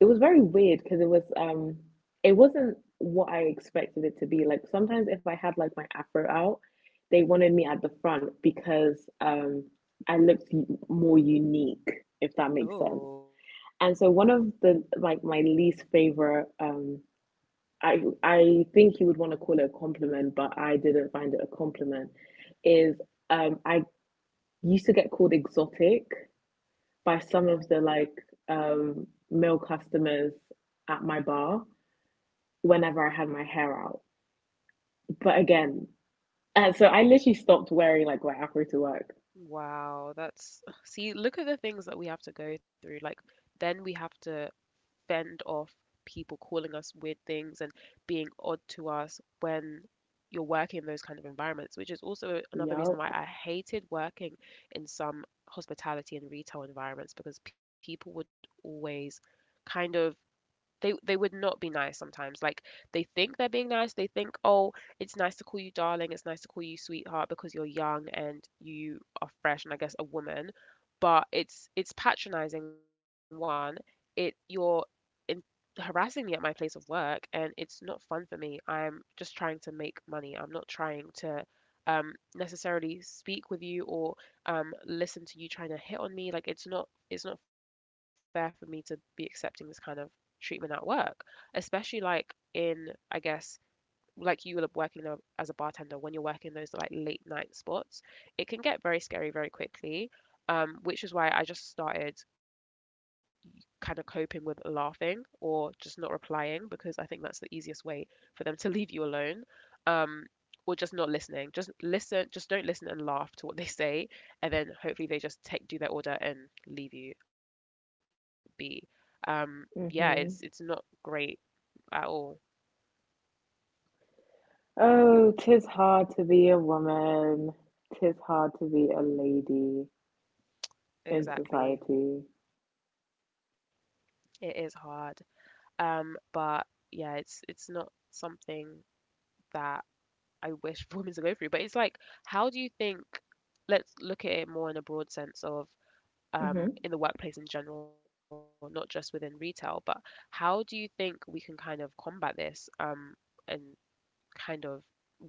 B: It was very weird because it was um it wasn't what I expected it to be. Like sometimes if I had like my afro out, they wanted me at the front because um I looked more unique, if that makes sense.
A: Oh,
B: And so one of the like my least favorite um I I think you would want to call it a compliment, but I didn't find it a compliment, is um I used to get called exotic by some of the like um male customers at my bar whenever I had my hair out. But again, and so I literally stopped wearing like my afro to work.
A: wow. That's see. Look at the things that we have to go through. Like then we have to fend off people calling us weird things and being odd to us when you're working in those kind of environments, which is also another reason
B: Yup.
A: why I hated working in some hospitality and retail environments because people would always kind of they they would not be nice sometimes. Like they think they're being nice. They think, "Oh, it's nice to call you darling. It's nice to call you sweetheart because you're young and you are fresh and I guess a woman." But it's it's patronizing one. It you're in, harassing me at my place of work and it's not fun for me. I'm just trying to make money. I'm not trying to um necessarily speak with you or um listen to you trying to hit on me. Like it's not it's not fair for me to be accepting this kind of treatment at work, especially like in, I guess, like you will up working in a, as a bartender when you're working those like late night spots, it can get very scary very quickly. Um, which is why I just started kind of coping with laughing or just not replying because I think that's the easiest way for them to leave you alone. um, or just not listening, just listen just don't listen and laugh to what they say and then hopefully they just take do their order and leave you be. Um, yeah, it's it's
B: Hmm.
A: not great at all.
B: Oh, 'tis hard to be a woman. 'Tis hard to be a lady in society.
A: Exactly. It is hard. Um, but yeah, it's it's not something that I wish women to go through. But it's like, how do you think? Let's look at it more in a broad sense of,
B: Mm-hmm.
A: um, in the workplace in general, not just within retail. But how do you think we can kind of combat this, um, and kind of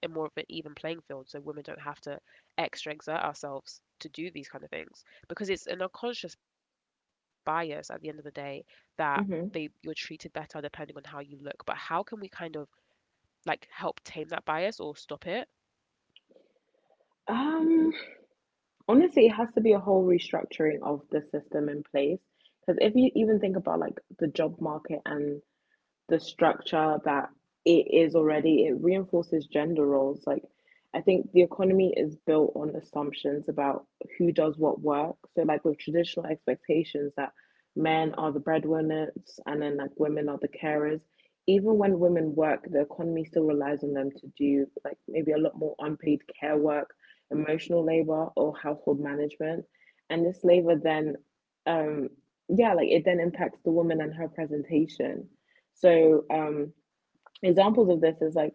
A: make sure it's a more of an even playing field so women don't have to extra exert ourselves to do these kind of things because it's an unconscious bias at the end of the day that
B: Mm-hmm.
A: they you're treated better depending on how you look, but how can we kind of like help tame that bias or stop it?
B: Um, Honestly, it has to be a whole restructuring of the system in place. Because if you even think about like the job market and the structure that it is already, it reinforces gender roles. Like, I think the economy is built on assumptions about who does what work. So, like, with traditional expectations that men are the breadwinners and then, like, women are the carers, even when women work, the economy still relies on them to do, like, maybe a lot more unpaid care work, emotional labor, or household management. And this labor then, um, yeah, like, it then impacts the woman and her presentation. So um, examples of this is like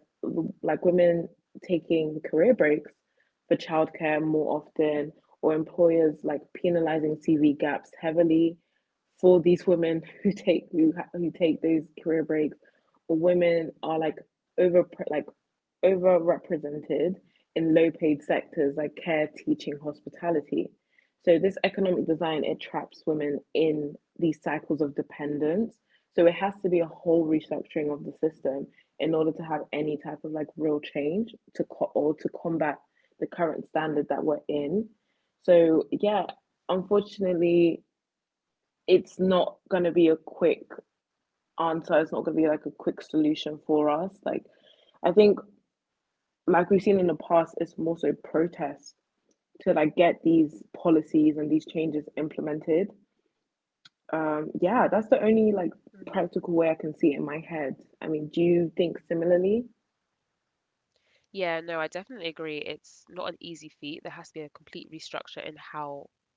B: like women taking career breaks for childcare more often, or employers like penalizing C V gaps heavily for these women who take who, who take those career breaks, or women are like over like overrepresented in low paid sectors like care, teaching, hospitality. So this economic design, it traps women in these cycles of dependence. So it has to be a whole restructuring of the system in order to have any type of like real change to co- or to combat the current standard that we're in. So yeah, unfortunately, it's not going to be a quick answer. It's not going to be like a quick solution for us. Like I think like we've seen in the past, it's more so protest to like get these policies and these changes implemented. Um, yeah, that's the only like
A: Hmm.
B: practical way I can see it in my head. I mean, do you think similarly?
A: Yeah, no, I definitely agree. It's not an easy feat. There has to be a complete restructure in how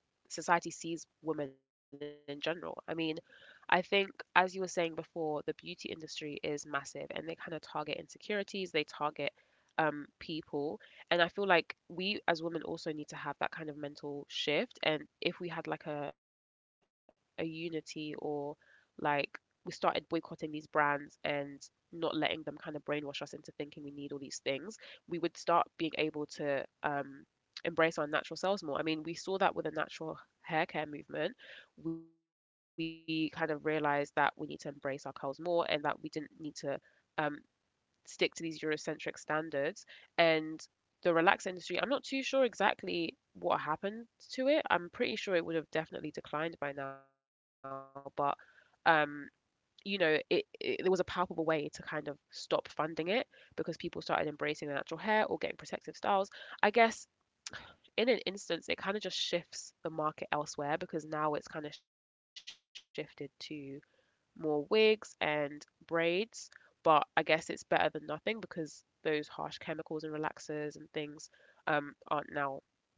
A: society sees women in general. I mean, I think, as you were saying before, the beauty industry is massive and they kind of target insecurities, they target um, people. And I feel like we as women also need to have that kind of mental shift. And if we had like a, a unity or like we started boycotting these brands and not letting them kind of brainwash us into thinking we need all these things, we would start being able to um, embrace our natural selves more. I mean, we saw that with the natural hair care movement. We kind of realized that we need to embrace our curls more and that we didn't need to um, stick to these Eurocentric standards. And the relaxer industry, I'm not too sure exactly what happened to it. I'm pretty sure it would have definitely declined by now, but um, you know, it, it there was a palpable way to kind of stop funding it because people started embracing the natural hair or getting protective styles. I guess in an instance, it kind of just shifts the market elsewhere because now it's kind of shifted to more wigs and braids. But I guess it's better than nothing because those harsh chemicals and relaxers and things um, aren't now,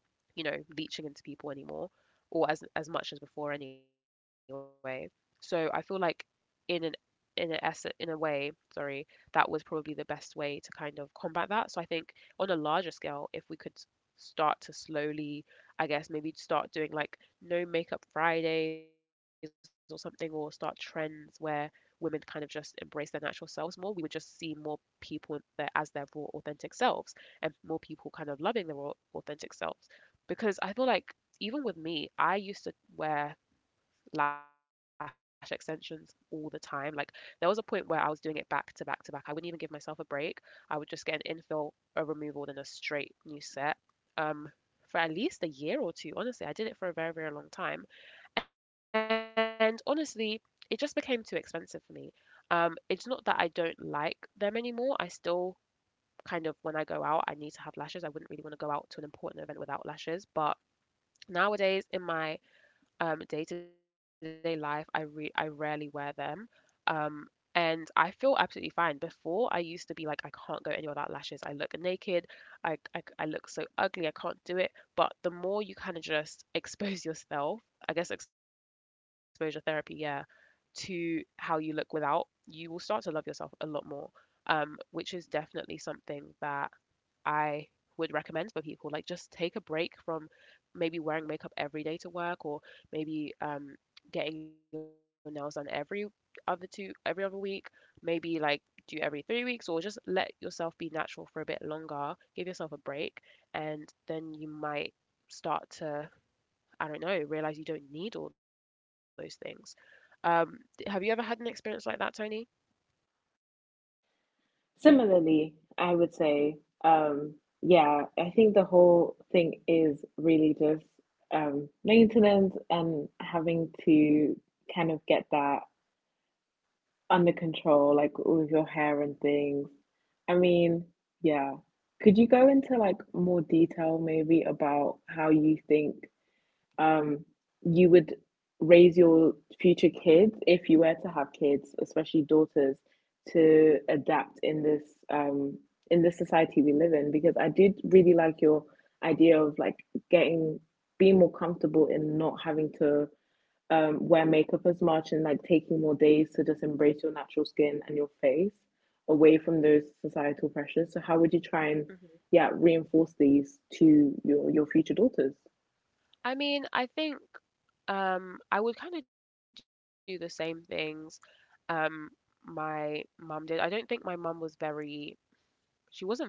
A: you know, leeching into people anymore, or as as much as before anyway. So I feel like in an in a ess in a way, sorry, that was probably the best way to kind of combat that. So I think on a larger scale, if we could start to slowly, I guess maybe start doing like no makeup Fridays or something, or start trends where women kind of just embrace their natural selves more, we would just see more people in their, as their raw authentic selves and more people kind of loving their raw authentic self because I feel like even with me, I used to wear lash extensions all the time. Like there was a point where I was doing it back to back to back. I wouldn't even give myself a break. I would just get an infill, a removal, then a straight new set. Um, for at least a year or two. Honestly, I did it for a very, very long time. And honestly, it just became too expensive for me. Um, it's not that I don't like them anymore. I still kind of, when I go out, I need to have lashes. I wouldn't really want to go out to an important event without lashes, but nowadays, in my um, day-to-day life, I re I rarely wear them. Um, and I feel absolutely fine. Before, I used to be like, I can't go anywhere without lashes. I look naked. I, I, I look so ugly. I can't do it. But the more you kind of just expose yourself, I guess exposure therapy, yeah, to how you look without, you will start to love yourself a lot more, um, which is definitely something that I would recommend for people. Like, just take a break from maybe wearing makeup every day to work, or maybe um, getting your nails done every other two every other week. Maybe like do every three weeks, or just let yourself be natural for a bit longer. Give yourself a break, and then you might start to, I don't know, realize you don't need all those things. Um, have you ever had an experience like that, Tony?
B: Similarly, I would say, um, yeah, I think the whole thing is really just um, maintenance and having to kind of get that under control, like with your hair and things. I mean, yeah. Could you go into like more detail maybe about how you think um, you would raise your future kids, if you were to have kids, especially daughters, to adapt in this um, in this society we live in. Because I did really like your idea of like getting, being more comfortable in not having to um, wear makeup as much and like taking more days to just embrace your natural skin and your face away from those societal pressures. So how would you try and yeah
A: Hmm.
B: reinforce these to your your future daughters?
A: I mean, I think um, I would kind of do the same things um, my mum did. I don't think my mum was very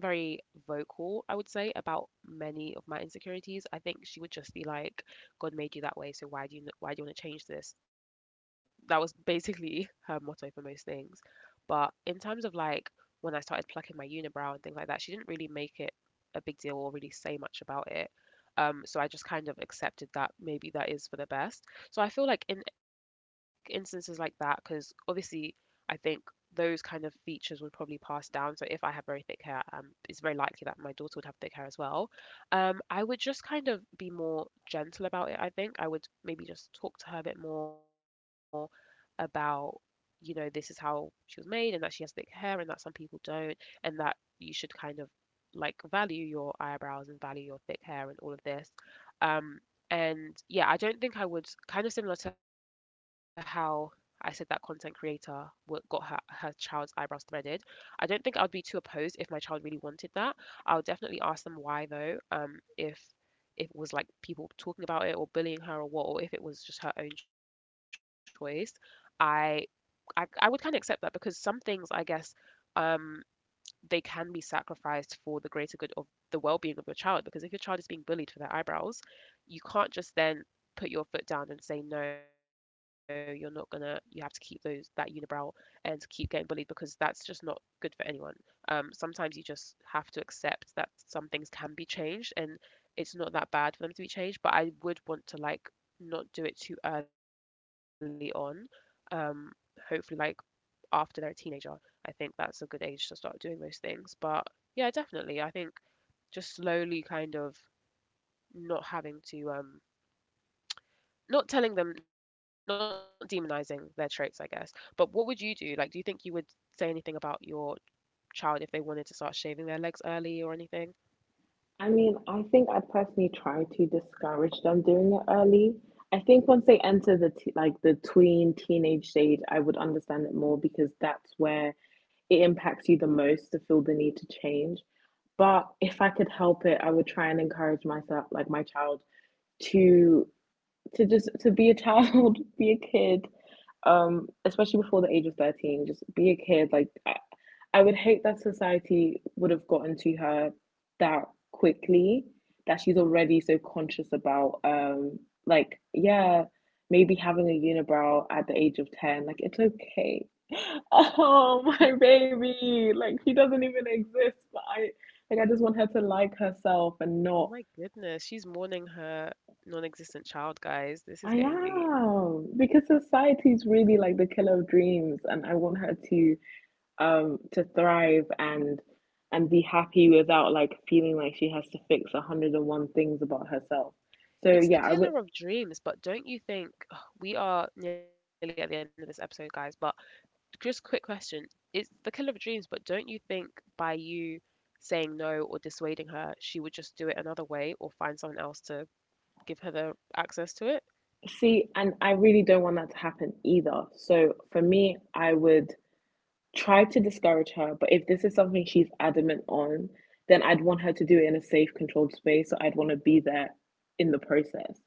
A: she wasn't very vocal, I would say, about many of my insecurities. I think she would just be like, "God made you that way, so why do you why do you want to change this?" That was basically her motto for most things. But in terms of like when I started plucking my unibrow and things like that, she didn't really make it a big deal or really say much about it. Um, so I just kind of accepted that maybe that is for the best. So I feel like in instances like that, because obviously I think those kind of features would probably pass down. So if I have very thick hair, um, it's very likely that my daughter would have thick hair as well. Um, I would just kind of be more gentle about it, I think. I would maybe just talk to her a bit more about, you know, this is how she was made and that she has thick hair and that some people don't and that you should kind of like value your eyebrows and value your thick hair and all of this. Um, and yeah, I don't think I would kind of similar to how I said that content creator were, got her, her child's eyebrows threaded. I don't think I would be too opposed if my child really wanted that. I would definitely ask them why though, um, if if it was like people talking about it or bullying her or what, or if it was just her own choice. I I, I would kind of accept that because some things I guess um they can be sacrificed for the greater good of the well-being of your child because if your child is being bullied for their eyebrows you can't just then put your foot down and say no you're not gonna you have to keep those that unibrow and keep getting bullied because that's just not good for anyone. Um, sometimes you just have to accept that some things can be changed and it's not that bad for them to be changed, but I would want to like not do it too early on. um, Hopefully like after they're a teenager, I think that's a good age to start doing those things. But yeah, definitely, I think just slowly kind of not having to um not telling them, not demonizing their traits, I guess. But what would you do? Like, do you think you would say anything about your child if they wanted to start shaving their legs early or anything?
B: I mean, I think I personally try to discourage them doing it early. I think once they enter the t like the tween teenage stage, I would understand it more because that's where it impacts you the most to feel the need to change. But if I could help it, I would try and encourage myself, like my child, to to just to be a child, be a kid, um, especially before the age of thirteen, just be a kid. Like I, I would hate that society would have gotten to her that quickly, that she's already so conscious about, um, like, yeah, maybe having a unibrow at the age of ten, like, it's okay. Oh, my baby. Like, he doesn't even exist, but I, like, I just want her to like herself and not,
A: Oh my goodness, she's mourning her non-existent child, guys.
B: I
A: This is getting deep.
B: am, because society's really like the killer of dreams, and I want her to um to thrive and and be happy without like feeling like she has to fix a hundred and one things about herself. So
A: It's the
B: yeah, I would,
A: killer of dreams, but don't you think we are nearly at the end of this episode, guys, but just quick question. It's the killer of dreams, but don't you think by you saying no or dissuading her, she would just do it another way or find someone else to give her the access to it?
B: see, and I really don't want that to happen either, so for me I would try to discourage her, but if this is something she's adamant on, then I'd want her to do it in a safe, controlled space. So I'd want to be there in the process.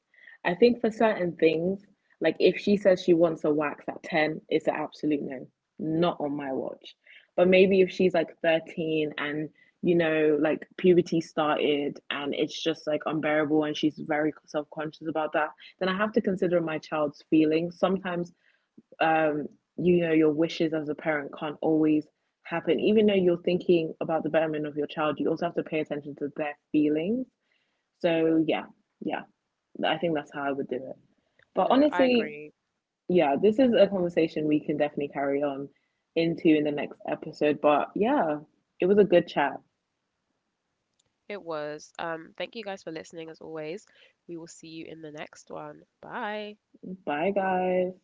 B: I think for certain things, like if she says she wants a wax at ten, it's an absolute no, not on my watch. But maybe if she's like thirteen and you know, like puberty started and it's just like unbearable and she's very self conscious about that, then I have to consider my child's feelings. Sometimes um, you know, your wishes as a parent can't always happen. Even though you're thinking about the betterment of your child, you also have to pay attention to their feelings. So, yeah, yeah, I think that's how I would do it. But
A: No, I
B: honestly,
A: agree.
B: yeah, this is a conversation we can definitely carry on into in the next episode. But yeah, it was a good chat.
A: It was. Um, thank you guys for listening as always. We will see you in the next one. Bye.
B: Bye, guys.